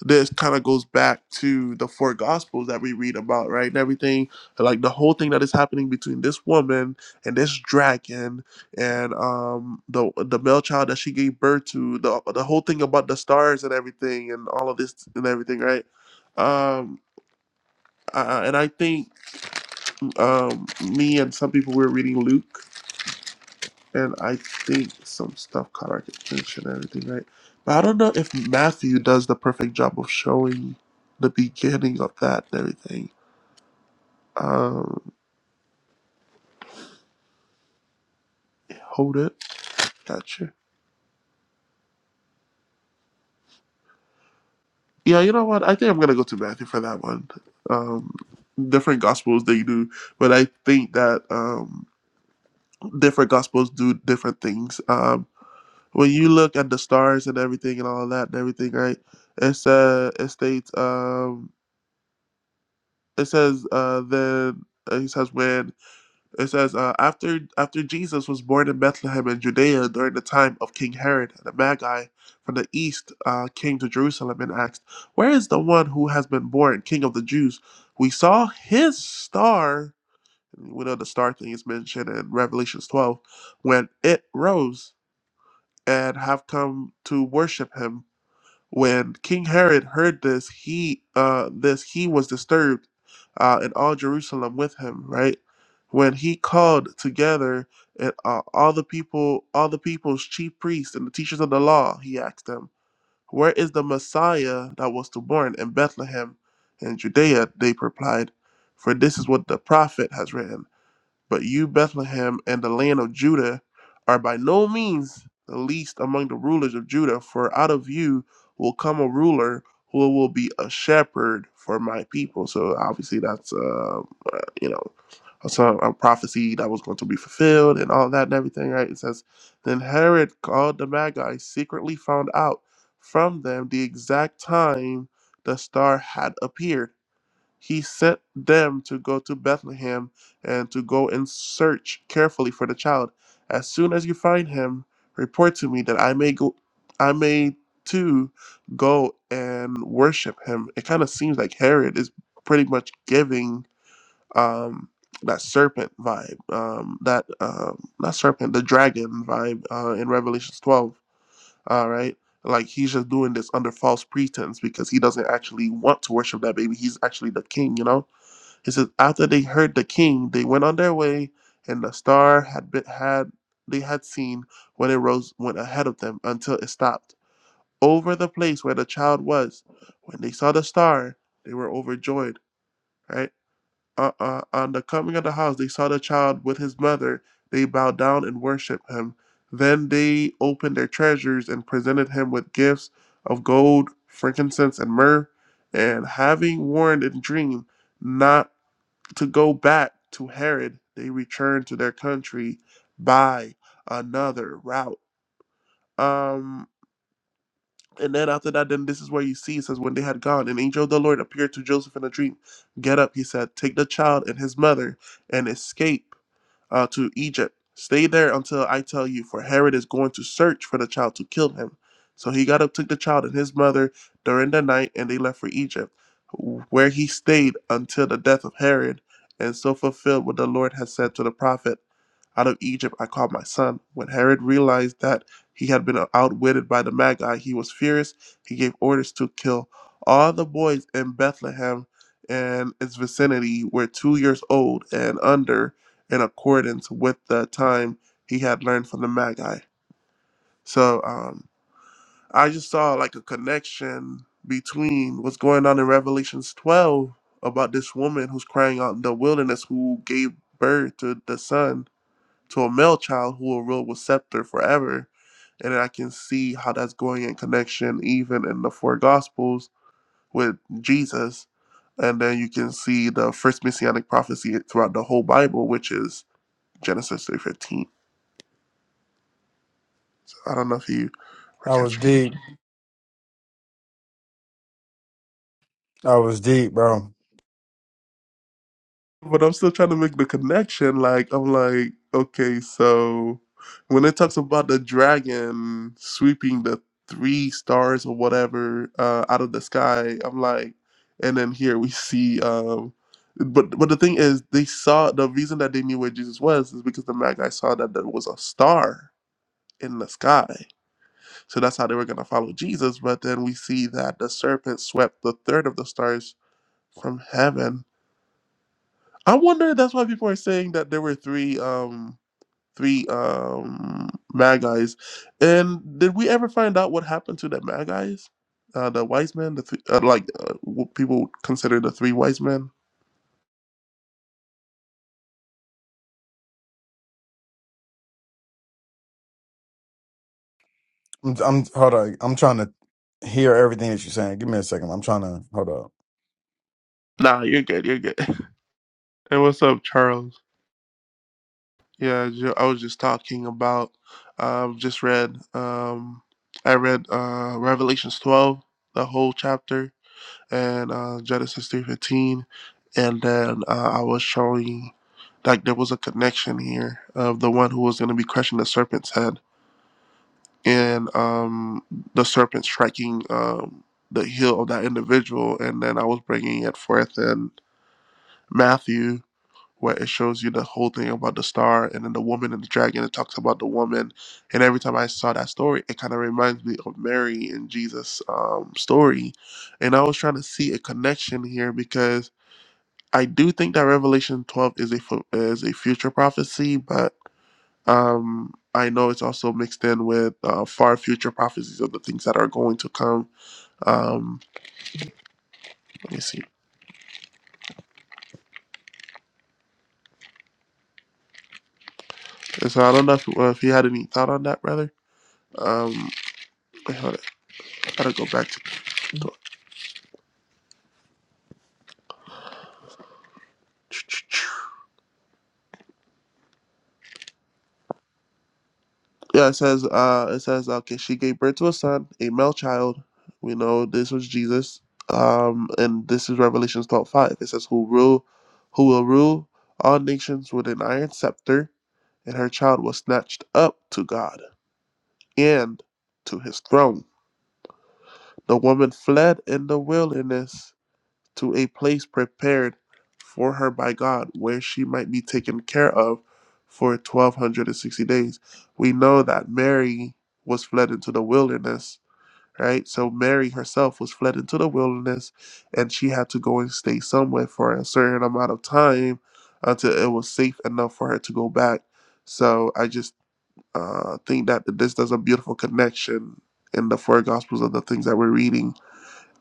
Speaker 1: this kind of goes back to the four gospels that we read about right and everything like the whole thing that is happening between this woman and this dragon and um the the male child that she gave birth to the the whole thing about the stars and everything and all of this and everything right um uh, and i think um me and some people were reading luke and I think some stuff caught our attention and everything, right? But I don't know if Matthew does the perfect job of showing the beginning of that and everything. Um, hold it, gotcha. Yeah, you know what? I think I'm gonna go to Matthew for that one. Um, different gospels they do, but I think that um, different gospels do different things. Um, when you look at the stars and everything and all that and everything, right? It's uh, it states um. it says uh then uh, he says when it says uh, after after Jesus was born in Bethlehem in Judea during the time of King Herod, the Magi from the east uh, came to Jerusalem and asked, "Where is the one who has been born, King of the Jews? We saw his star." We know the star thing is mentioned in Revelations 12 when it rose and have come to worship him. When King Herod heard this, he uh, this he was disturbed, uh, and all Jerusalem with him. Right when he called together and, uh, all the people, all the people's chief priests and the teachers of the law, he asked them, "Where is the Messiah that was to born in Bethlehem, in Judea?" They replied, "For this is what the prophet has written." But you, Bethlehem, and the land of Judah, are by no means the least among the rulers of Judah, for out of you will come a ruler who will be a shepherd for my people. So obviously, that's uh, uh, you know some a prophecy that was going to be fulfilled and all that and everything, right? It says, then Herod called the Magi, secretly found out from them the exact time the star had appeared he sent them to go to Bethlehem and to go and search carefully for the child. As soon as you find him, report to me that I may go I may too go and worship him. It kind of seems like Herod is pretty much giving um that serpent vibe, um, that um, not serpent, the dragon vibe uh, in Revelations 12. All right, like he's just doing this under false pretense because he doesn't actually want to worship that baby. He's actually the king, you know it says, after they heard the king, they went on their way, and the star had been, had they had seen when it rose went ahead of them until it stopped over the place where the child was. When they saw the star, they were overjoyed. Right uh, uh, on the coming of the house, they saw the child with his mother. They bowed down and worshipped him. Then they opened their treasures and presented him with gifts of gold, frankincense, and myrrh. And having warned in dream, not to go back to Herod, they returned to their country by another route. Um, and then after that, then this is where you see it says, When they had gone, an angel of the Lord appeared to Joseph in a dream. Get up, he said, take the child and his mother and escape uh, to Egypt. Stay there until I tell you, for Herod is going to search for the child to kill him. So he got up, took the child and his mother during the night, and they left for Egypt, where he stayed until the death of Herod, and so fulfilled what the Lord had said to the prophet. Out of Egypt I called my son. When Herod realized that he had been outwitted by the Magi, he was furious. He gave orders to kill all the boys in Bethlehem and its vicinity were two years old and under, in accordance with the time he had learned from the Magi. So um, I just saw like a connection between what's going on in Revelations 12 about this woman who's crying out in the wilderness who gave birth to the son to a male child who will rule with scepter forever. And I can see how that's going in connection even in the four gospels with Jesus. And then you can see the first messianic prophecy throughout the whole Bible, which is Genesis 3.15. I don't know if you were
Speaker 2: I was
Speaker 1: catching
Speaker 2: deep. I was deep, bro.
Speaker 1: but I'm still trying to make the connection. Like, I'm like, okay, so when it talks about the dragon sweeping the three stars or whatever uh, out of the sky, I'm like, and then here we see. Um, but but the thing is, they saw the reason that they knew where Jesus was is because the Magi saw that there was a star in the sky. So that's how they were gonna follow Jesus. But then we see that the serpent swept the third of the stars from heaven I wonder. That's why people are saying that there were three, um, three um, Magi's. And did we ever find out what happened to the Magi's? Uh, the wise men, the three, uh, like uh, what people would consider the three wise men.
Speaker 2: I'm, I'm hold on. I'm trying to hear everything that you're saying. Give me a second. I'm trying to hold up.
Speaker 1: Nah, you're good. You're good. *laughs* And what's up, Charles? Yeah, ju- I was just talking about. Um, just read. Um, I read uh, Revelations 12, the whole chapter. and uh, Genesis three fifteen, and then uh, I was showing like there was a connection here of the one who was going to be crushing the serpent's head and um, the serpent striking um, the heel of that individual, and then I was bringing it forth in Matthew. Where it shows you the whole thing about the star and then the woman and the dragon, it talks about the woman. And every time I saw that story, it kind of reminds me of Mary and Jesus' um, story and I was trying to see a connection here because I do think that Revelation 12 is a fu- is a future prophecy, but um, I know it's also mixed in with uh, far future prophecies of the things that are going to come. Um, let me see. And so I don't know if, if you had any thought on that, brother. Um, wait, hold on. I gotta go back to. Yeah, it says uh it says okay, she gave birth to a son, a male child. We know this was Jesus. Um and this is Revelations twelve five. It says who rule who will rule all nations with an iron scepter, and her child was snatched up to God and to his throne. The woman fled in the wilderness to a place prepared for her by God, where she might be taken care of for 1260 days. We know that Mary was fled into the wilderness, right? So Mary herself was fled into the wilderness and she had to go and stay somewhere for a certain amount of time until it was safe enough for her to go back. So I just uh, think that this does a beautiful connection in the four gospels of the things that we're reading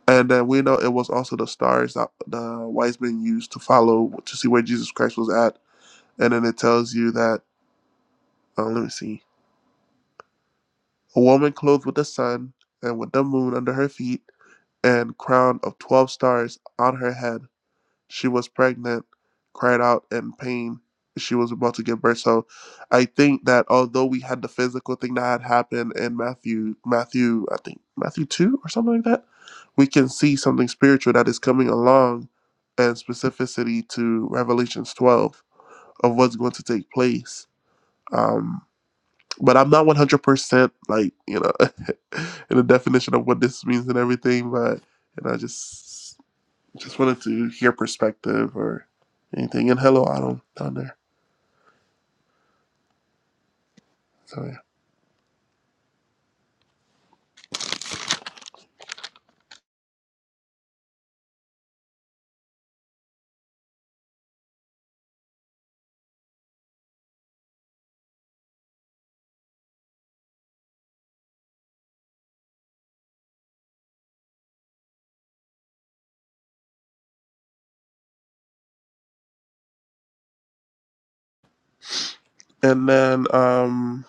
Speaker 1: and then we know it was also the stars that the wise men used to follow to see where Jesus Christ was at. And then it tells you that, uh, let me see, a woman clothed with the sun and with the moon under her feet and crown of 12 stars on her head. She was pregnant, cried out in pain. She was about to give birth. So I think that although we had the physical thing that had happened in Matthew, Matthew, I think Matthew 2 or something like that, we can see something spiritual that is coming along and specificity to Revelations 12 of what's going to take place. Um, but I'm not 100% like, you know, *laughs* in the definition of what this means and everything, but, you know, just. Just wanted to hear perspective or anything. And hello, Adam down there. So yeah. And then um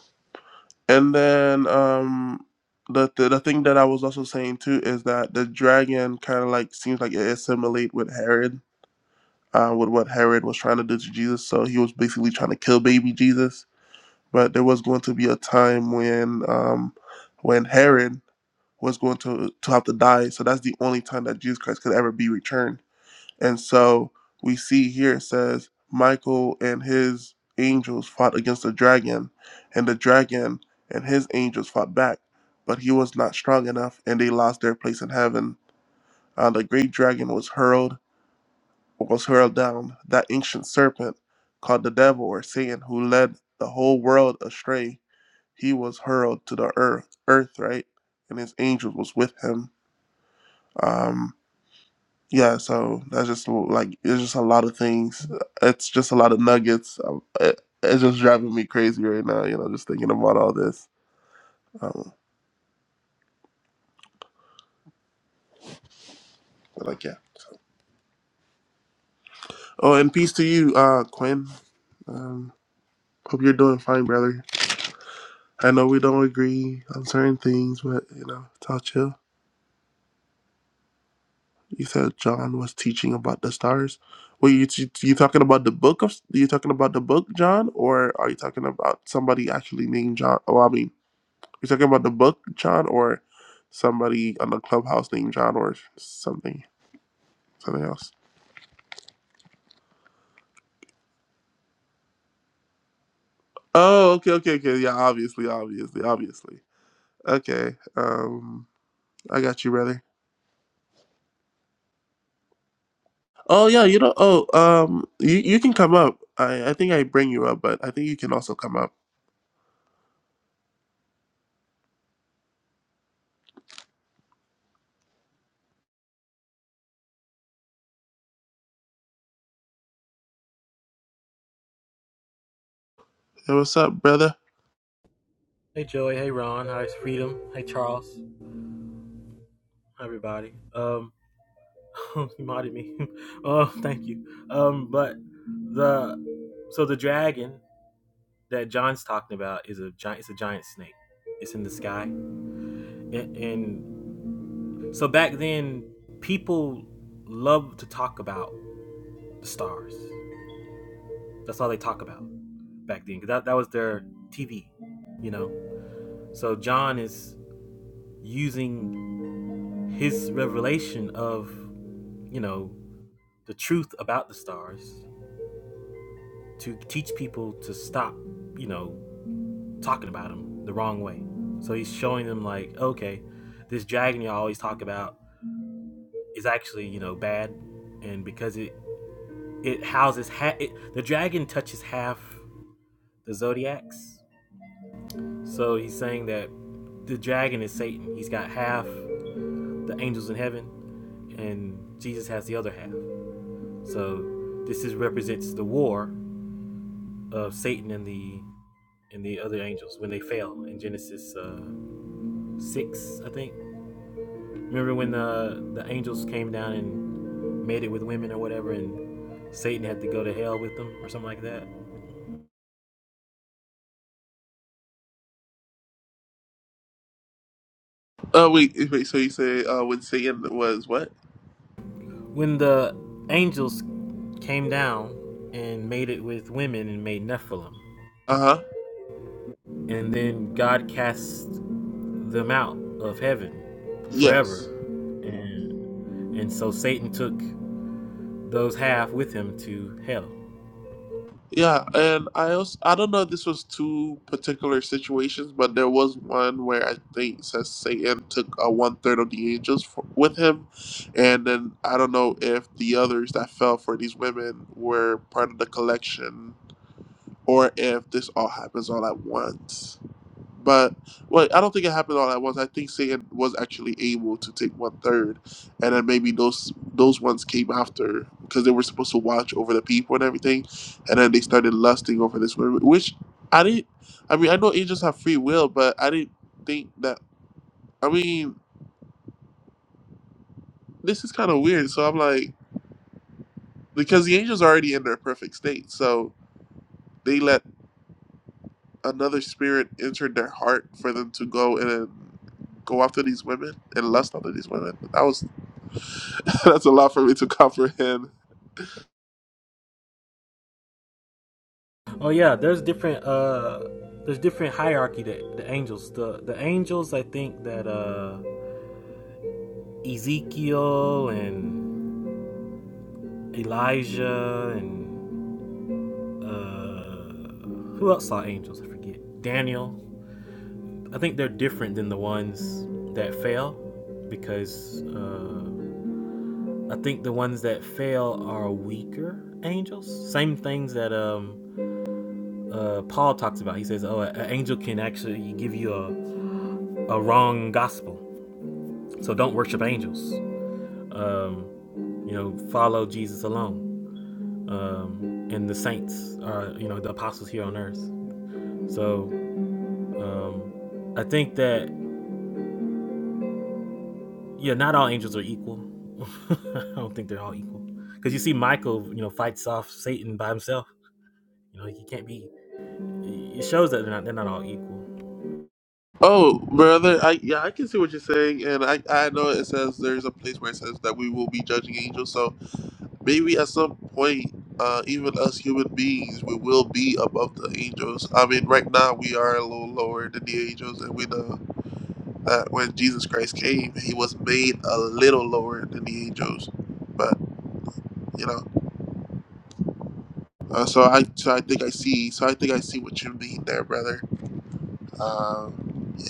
Speaker 1: and then um the the, the thing that I was also saying too is that the dragon kind of like seems like it assimilate with Herod. Uh, with what Herod was trying to do to Jesus, so he was basically trying to kill baby Jesus. But there was going to be a time when, um, when Herod was going to to have to die. So that's the only time that Jesus Christ could ever be returned And so we see here it says Michael and his angels fought against the dragon, and the dragon and his angels fought back, but he was not strong enough, and they lost their place in heaven. Uh, the great dragon was hurled was hurled down, that ancient serpent called the devil or Satan, who led the whole world astray. He was hurled to the earth, earth, right? And his angels was with him. Um, yeah so that's just like it's just a lot of things it's just a lot of nuggets um, it, it's just driving me crazy right now you know just thinking about all this um but like yeah oh and peace to you uh quinn um hope you're doing fine brother i know we don't agree on certain things but you know it's all chill you said john was teaching about the stars were you, t- you talking about the book of you talking about the book john or are you talking about somebody actually named john oh i mean You talking about the book, John, or somebody on the clubhouse named John, or something, something else? Oh, okay, okay, okay. Yeah, obviously, obviously, obviously. Okay. Um, I got you, brother. Oh yeah, you know. Oh, um, you you can come up. I I think I bring you up, but I think you can also come up. Hey, what's up, brother?
Speaker 4: Hey Joey, hey Ron, hi Freedom, hey Charles, hi everybody. Um, *laughs* you modded me. *laughs* oh, thank you. Um, but the so the dragon that John's talking about is a giant. It's a giant snake. It's in the sky, and, and so back then people loved to talk about the stars. That's all they talk about back then. Because that that was their TV, you know. So John is using his revelation of you know the truth about the stars to teach people to stop, you know, talking about them the wrong way. So he's showing them like, okay, this dragon you always talk about is actually, you know, bad, and because it it houses ha- it, the dragon touches half the zodiacs. So he's saying that the dragon is Satan. He's got half the angels in heaven, and Jesus has the other half. So this is represents the war of Satan and the and the other angels when they fell in Genesis uh, six, I think. Remember when the the angels came down and made it with women or whatever, and Satan had to go to hell with them or something like that.
Speaker 1: Oh wait, wait. So you say uh, when Satan was what?
Speaker 4: When the angels came down and made it with women and made Nephilim,
Speaker 1: Uh huh.
Speaker 4: and then God cast them out of heaven forever,
Speaker 1: Yes.
Speaker 4: and and so Satan took those half with him to hell.
Speaker 1: Yeah, and I also I don't know if this was two particular situations, but there was one where I think it says Satan took a one third of the angels for, with him, and then I don't know if the others that fell for these women were part of the collection or if this all happens all at once. But well, I don't think it happened all at once. I think Satan was actually able to take one third, and then maybe those those ones came after because they were supposed to watch over the people and everything, and then they started lusting over this woman. Which I didn't. I mean, I know angels have free will, but I didn't think that. I mean, this is kind of weird. So I'm like, because the angels are already in their perfect state, so they let another spirit enter their heart for them to go and go after these women and lust after these women. That was *laughs* That's a lot for me to comprehend.
Speaker 4: Oh yeah, there's different uh there's different hierarchy that the angels. The the angels I think that uh Ezekiel and Elijah and uh who else saw angels? I forget. Daniel. I think they're different than the ones that fail because uh I think the ones that fail are weaker angels. Same things that um uh, Paul talks about. He says, "Oh, an angel can actually give you a, a wrong gospel." So don't worship angels. Um, you know, follow Jesus alone um, and the saints, uh, you know, the apostles here on earth. So um, I think that, yeah, not all angels are equal. *laughs* I don't think they're all equal. Because you see Michael, you know, fights off Satan by himself. You know, he can't be, it shows that they're not, they're not all equal.
Speaker 1: Oh, brother, I yeah, I can see what you're saying, and I I know it says there's a place where it says that we will be judging angels. So maybe at some point, uh, even us human beings, we will be above the angels. I mean, right now we are a little lower than the angels, and we know that when Jesus Christ came, he was made a little lower than the angels. But you know, uh, so I so I think I see so I think I see what you mean there, brother. Um, yeah.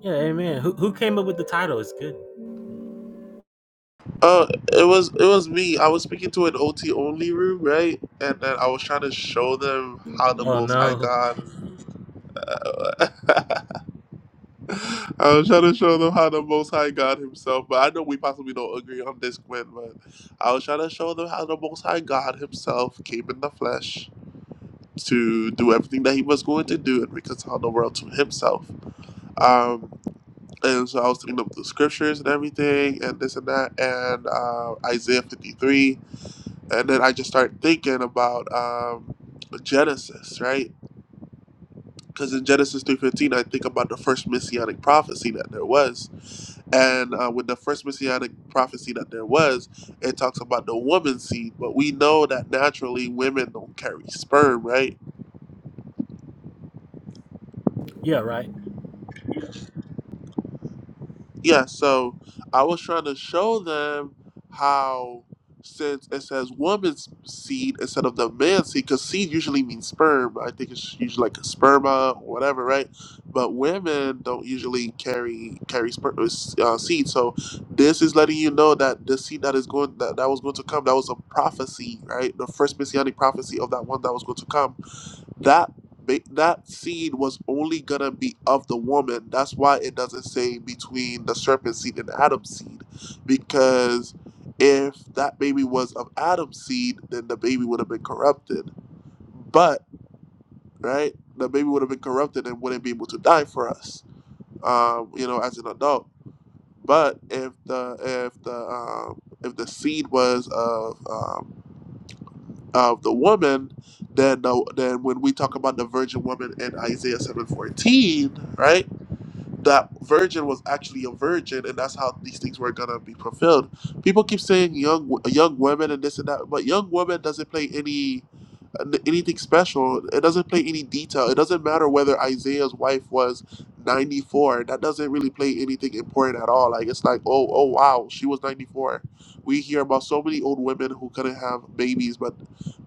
Speaker 4: Yeah, amen. Who, who came up with the title? It's good.
Speaker 1: Uh, it was it was me. I was speaking to an OT only room, right? And then I was trying to show them how the
Speaker 4: Oh,
Speaker 1: Most High
Speaker 4: no.
Speaker 1: God. *laughs* I was trying to show them how the Most High God Himself. But I know we possibly don't agree on this, Quinn. But I was trying to show them how the Most High God Himself came in the flesh to do everything that He was going to do and reconcile the world to Himself. Um, and so I was looking up the scriptures and everything, and this and that, and uh, Isaiah fifty three. and then I just started thinking about um, Genesis, right? Because in Genesis three fifteen, I think about the first messianic prophecy that there was, and uh, with the first messianic prophecy that there was, it talks about the woman seed. But we know that naturally women don't carry sperm, right?
Speaker 4: Yeah, right.
Speaker 1: Yeah, so I was trying to show them how, since it says woman's seed instead of the man's seed, because seed usually means sperm. I think it's usually like a sperma or whatever, right? But women don't usually carry carry sperm uh, seed. So this is letting you know that the seed that is going that, that was going to come that was a prophecy, right? The first messianic prophecy of that one that was going to come that ba- that seed was only gonna be of the woman. That's why it doesn't say between the serpent seed and Adam's seed, because if that baby was of Adam's seed, then the baby would have been corrupted. But right, the baby would have been corrupted and wouldn't be able to die for us, um, you know, as an adult. But if the if the um, if the seed was of um, of the woman than the, than when we talk about the virgin woman in Isaiah seven fourteen, right? That virgin was actually a virgin, and that's how these things were gonna be fulfilled. People keep saying young young women and this and that, but young woman doesn't play any anything special. It doesn't play any detail. It doesn't matter whether Isaiah's wife was 94. That doesn't really play anything important at all. Like it's like, oh, oh wow, she was 94. We hear about so many old women who couldn't have babies, but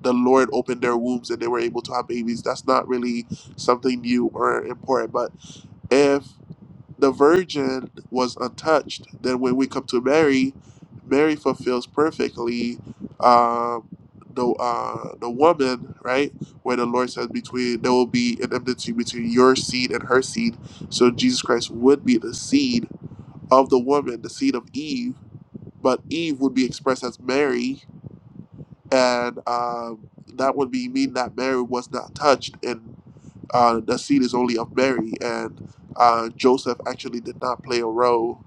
Speaker 1: the Lord opened their wombs and they were able to have babies. That's not really something new or important. But if the virgin was untouched. Then when we come to Mary, Mary fulfills perfectly um, the uh, the woman, right? Where the Lord says, "Between there will be an enmity between your seed and her seed." So Jesus Christ would be the seed of the woman, the seed of Eve, but Eve would be expressed as Mary, and um, that would be mean that Mary was not touched, and uh, the seed is only of Mary, and uh, Joseph actually did not play a role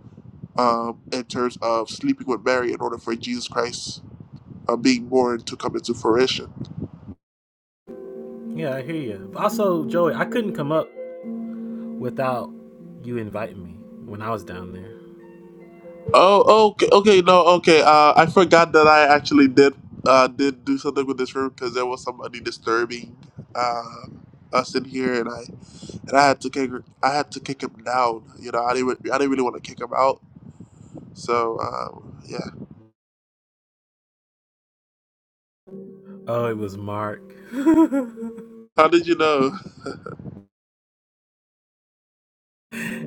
Speaker 1: um, in terms of sleeping with Mary in order for Jesus Christ uh, being born to come into fruition.
Speaker 4: Yeah, I hear you. Also, Joey, I couldn't come up without you inviting me when I was down there.
Speaker 1: Oh, okay, okay, no, okay. Uh, I forgot that I actually did uh, did do something with this room because there was somebody disturbing uh, us in here, and I and I had to kick her- I had to kick him down. You know, I didn't re- I didn't really want to kick him out. So um, yeah,
Speaker 4: Oh, it was Mark.
Speaker 1: how did you know?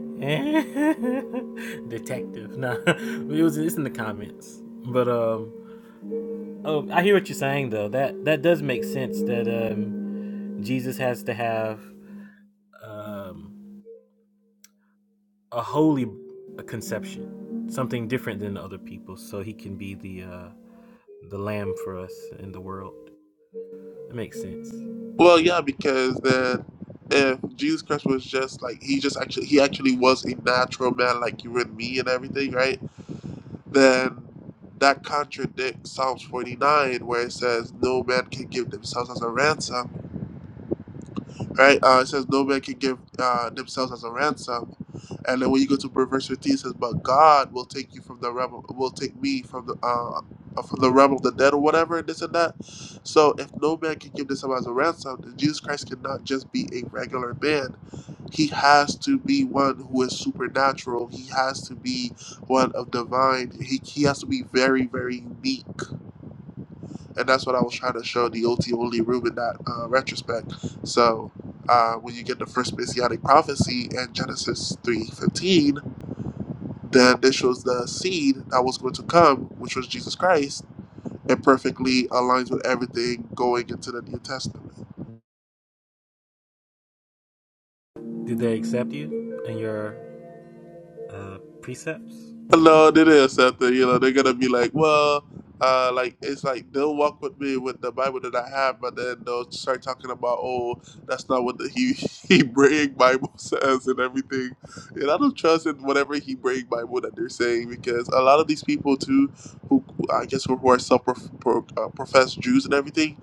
Speaker 4: *laughs* Detective. Nah, it was it's in the comments. But um oh I hear what you're saying though. That that does make sense that um Jesus has to have um a holy conception. Something different than the other people, so he can be the uh the lamb for us in the world. That makes sense.
Speaker 1: Well, yeah, because then if Jesus Christ was just like he just actually he actually was a natural man like you and me and everything, right? Then that contradicts Psalms 49 where it says no man can give themselves as a ransom right? Uh, it says no man can give uh, themselves as a ransom, and then when you go to verse 15, it says, "But God will take you from the realm, of- will take me from the uh, uh, from the realm of the dead, or whatever, this and that." So, if no man can give themselves as a ransom, then Jesus Christ cannot just be a regular man. He has to be one who is supernatural. He has to be one of divine. He, he has to be very, very unique and that's what I was trying to show the OT only room in that uh, retrospect. So uh, when you get the first messianic prophecy in Genesis three fifteen, then this shows the seed that was going to come, which was Jesus Christ. It perfectly aligns with everything going into the New Testament.
Speaker 4: Did they accept you and your uh precepts?
Speaker 1: No, it is something. You know, they're gonna be like, well, uh, like it's like they'll walk with me with the Bible that I have, but then they'll start talking about, oh, that's not what the he *laughs* Hebraic Bible says and everything. And I don't trust in whatever Hebraic Bible that they're saying because a lot of these people too, who I guess who are self-professed Jews and everything,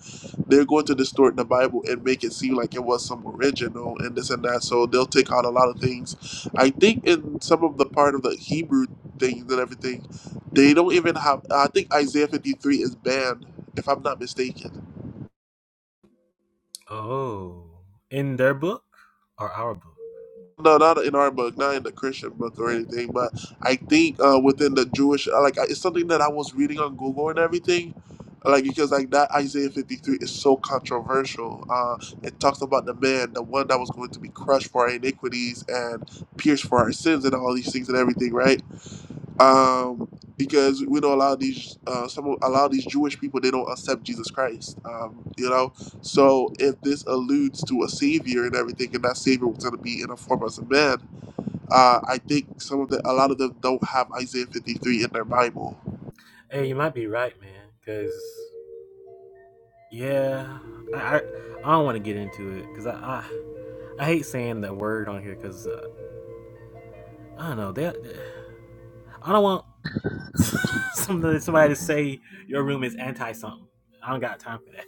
Speaker 1: they're going to distort the Bible and make it seem like it was some original and this and that. So they'll take out a lot of things. I think in some of the part of the Hebrew things and everything, they don't even have. I think Isaiah 53 is banned, if I'm not mistaken.
Speaker 4: Oh, in their book or our book?
Speaker 1: No, not in our book, not in the Christian book or anything, but I think uh, within the Jewish, uh, like I- it's something that I was reading on Google and everything, like because like that Isaiah fifty three is so controversial. Uh, it talks about the man, the one that was going to be crushed for our iniquities and pierced for our sins and all these things and everything, right? um, because we don't allow these uh, some of- allow these Jewish people they don't accept Jesus Christ. Um, you know, so if this alludes to a savior and everything, and that savior was going to be in the form of a man, uh, I think some of the a lot of them don't have Isaiah fifty three in their Bible.
Speaker 4: Hey, you might be right, man. Cause yeah, I I, I don't want to get into it because I, I I hate saying that word on here because uh, I don't know that I don't want *laughs* somebody somebody to say your room is anti something. I don't got time for that.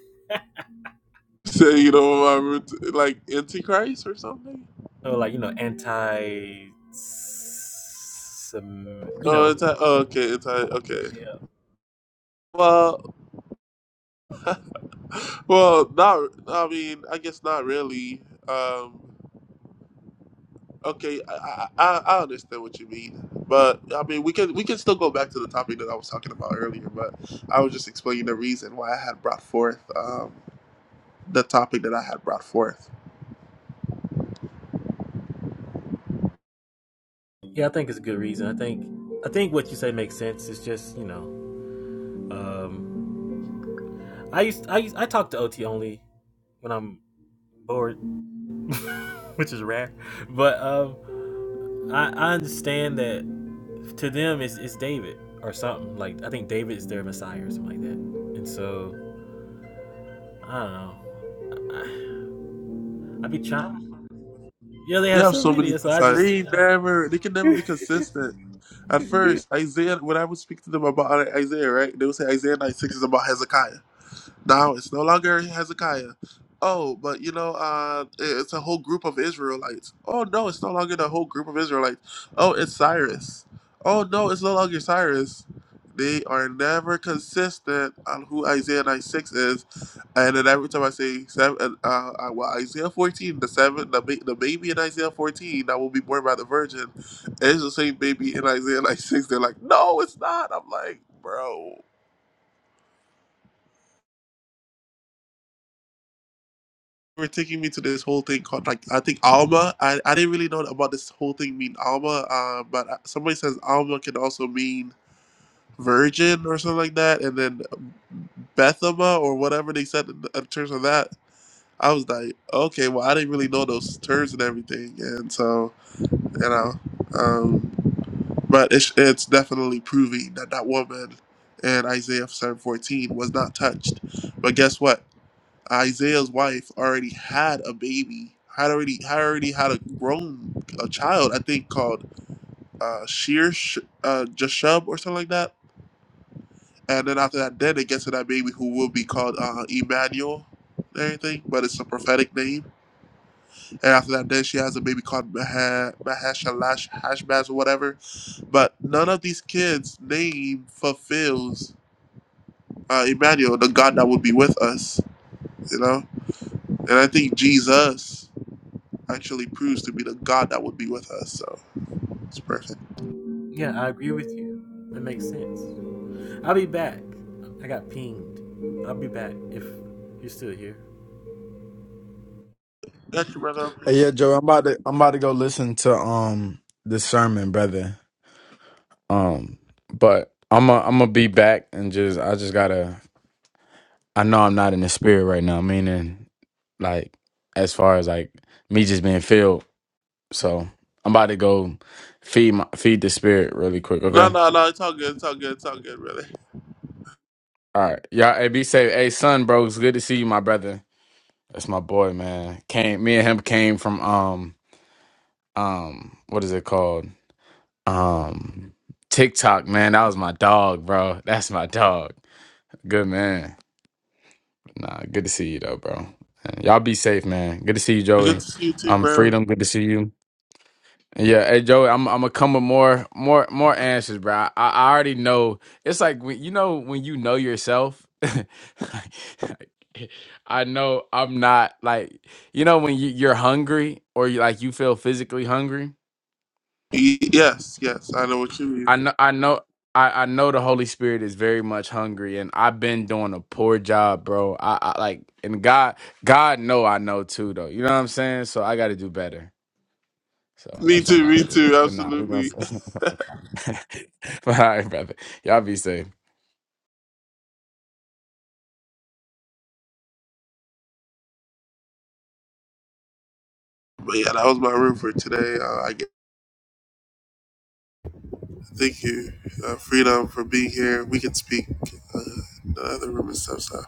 Speaker 1: So you know, um, like antichrist or something.
Speaker 4: So like you know anti some you
Speaker 1: Oh,
Speaker 4: know
Speaker 1: anti. Oh,
Speaker 4: and
Speaker 1: okay, anti. Okay.
Speaker 4: yeah
Speaker 1: Well, well, not. I mean, I guess not really. Um, Okay, I, I I I understand what you mean, but I mean we can we can still go back to the topic that I was talking about earlier. But I was just explaining the reason why I had brought forth um, the topic that I had brought forth.
Speaker 4: yeah I think it's a good reason. I think I think what you say makes sense. It's just you know um I used I used, I talk to OT only when I'm bored, *laughs* which is rare. But um, I, I understand that to them it's, it's David or something. Like I think David is their Messiah or something like that. And so I don't know. I, I be trying. Yeah, they
Speaker 1: They
Speaker 4: have
Speaker 1: have
Speaker 4: so
Speaker 1: so many
Speaker 4: many. So I
Speaker 1: Messiahs.
Speaker 4: just
Speaker 1: They
Speaker 4: uh,
Speaker 1: never they can never be consistent. At first, Isaiah, when I would speak to them about Isaiah, right, they would say Isaiah 96 is about Hezekiah. Now it's no longer Hezekiah. Oh, but you know, uh, it's a whole group of Israelites. Oh no, it's no longer the whole group of Israelites. Oh, it's Cyrus. Oh no, it's no longer Cyrus. They are never consistent on who Isaiah 9 6 is. And then every time I say seven, uh, uh, well, Isaiah 14, the seven, the, ba- the baby in Isaiah 14 that will be born by the virgin, is the same baby in Isaiah 9 6. They're like, no, it's not. I'm like, bro. were taking me to this whole thing called like I think Alma. I, I didn't really know about this whole thing mean Alma, uh, but uh, somebody says Alma can also mean virgin or something like that, and then Bethema or whatever they said in, in terms of that. I was like, okay, well, I didn't really know those terms and everything, and so you know, um, but it's it's definitely proving that that woman in Isaiah seven fourteen was not touched. But guess what? Isaiah's wife already had a baby, had already had already had a grown a child, I think called uh Sheer Sh- uh Jashub or something like that. And then after that, then it gets to that baby who will be called uh Emmanuel and everything, but it's a prophetic name. And after that, then she has a baby called Maha Mahashalash Hashbaz or whatever. But none of these kids' name fulfills uh Emmanuel, the God that would be with us, you know? And I think Jesus. actually proves to be the God that would be with us. So it's perfect.
Speaker 4: yeah, I agree with you. That makes sense. I'll be back. I got pinged. I'll be back if you're still here.
Speaker 1: Got you, brother.
Speaker 2: Hey, yeah, Joe, I'm about to I'm about to go listen to um the sermon, brother. Um, but I'm i am a I'm gonna be back and just I just gotta I know I'm not in the spirit right now, meaning like as far as like me just being filled. So I'm about to go feed my feed the spirit really quick.
Speaker 1: No,
Speaker 2: Okay.
Speaker 1: no, no. It's all good. It's all good. It's all good, brother.
Speaker 2: All right, y'all. Hey, be safe. Hey, son, bro, it's good to see you, my brother. That's my boy, man. Came me and him came from um um what is it called? Um, TikTok, man, that was my dog, bro. That's my dog. Good man. Nah, good to see you though, bro. And y'all be safe, man. Good to see you,
Speaker 1: Good
Speaker 2: Joey.
Speaker 1: to see you too,
Speaker 2: Um,
Speaker 1: bro.
Speaker 2: freedom. Good to see you. And yeah, hey Joey, I'm I'm gonna come with more more more answers, bro. I, I already know. It's like when you know when you know yourself. *laughs* I know I'm not like you know when you, you're hungry or you like you feel physically hungry
Speaker 1: Y- Yes, yes. I know what you mean.
Speaker 2: I know I know I, I know the Holy Spirit is very much hungry and I've been doing a poor job, bro. I, I like and God God know I know too though. You know what I'm saying? So I gotta do better. So
Speaker 1: Me
Speaker 2: that's what I'm
Speaker 1: too.
Speaker 2: about
Speaker 1: Me
Speaker 2: to do.
Speaker 1: too.
Speaker 2: But nah, we're gonna
Speaker 1: Absolutely.
Speaker 2: *laughs* but all right, brother. Y'all be safe.
Speaker 1: But yeah, that was my room for today. Uh, I get, thank you, uh, Freedom, for being here. We can speak uh, in the other room and stuff. So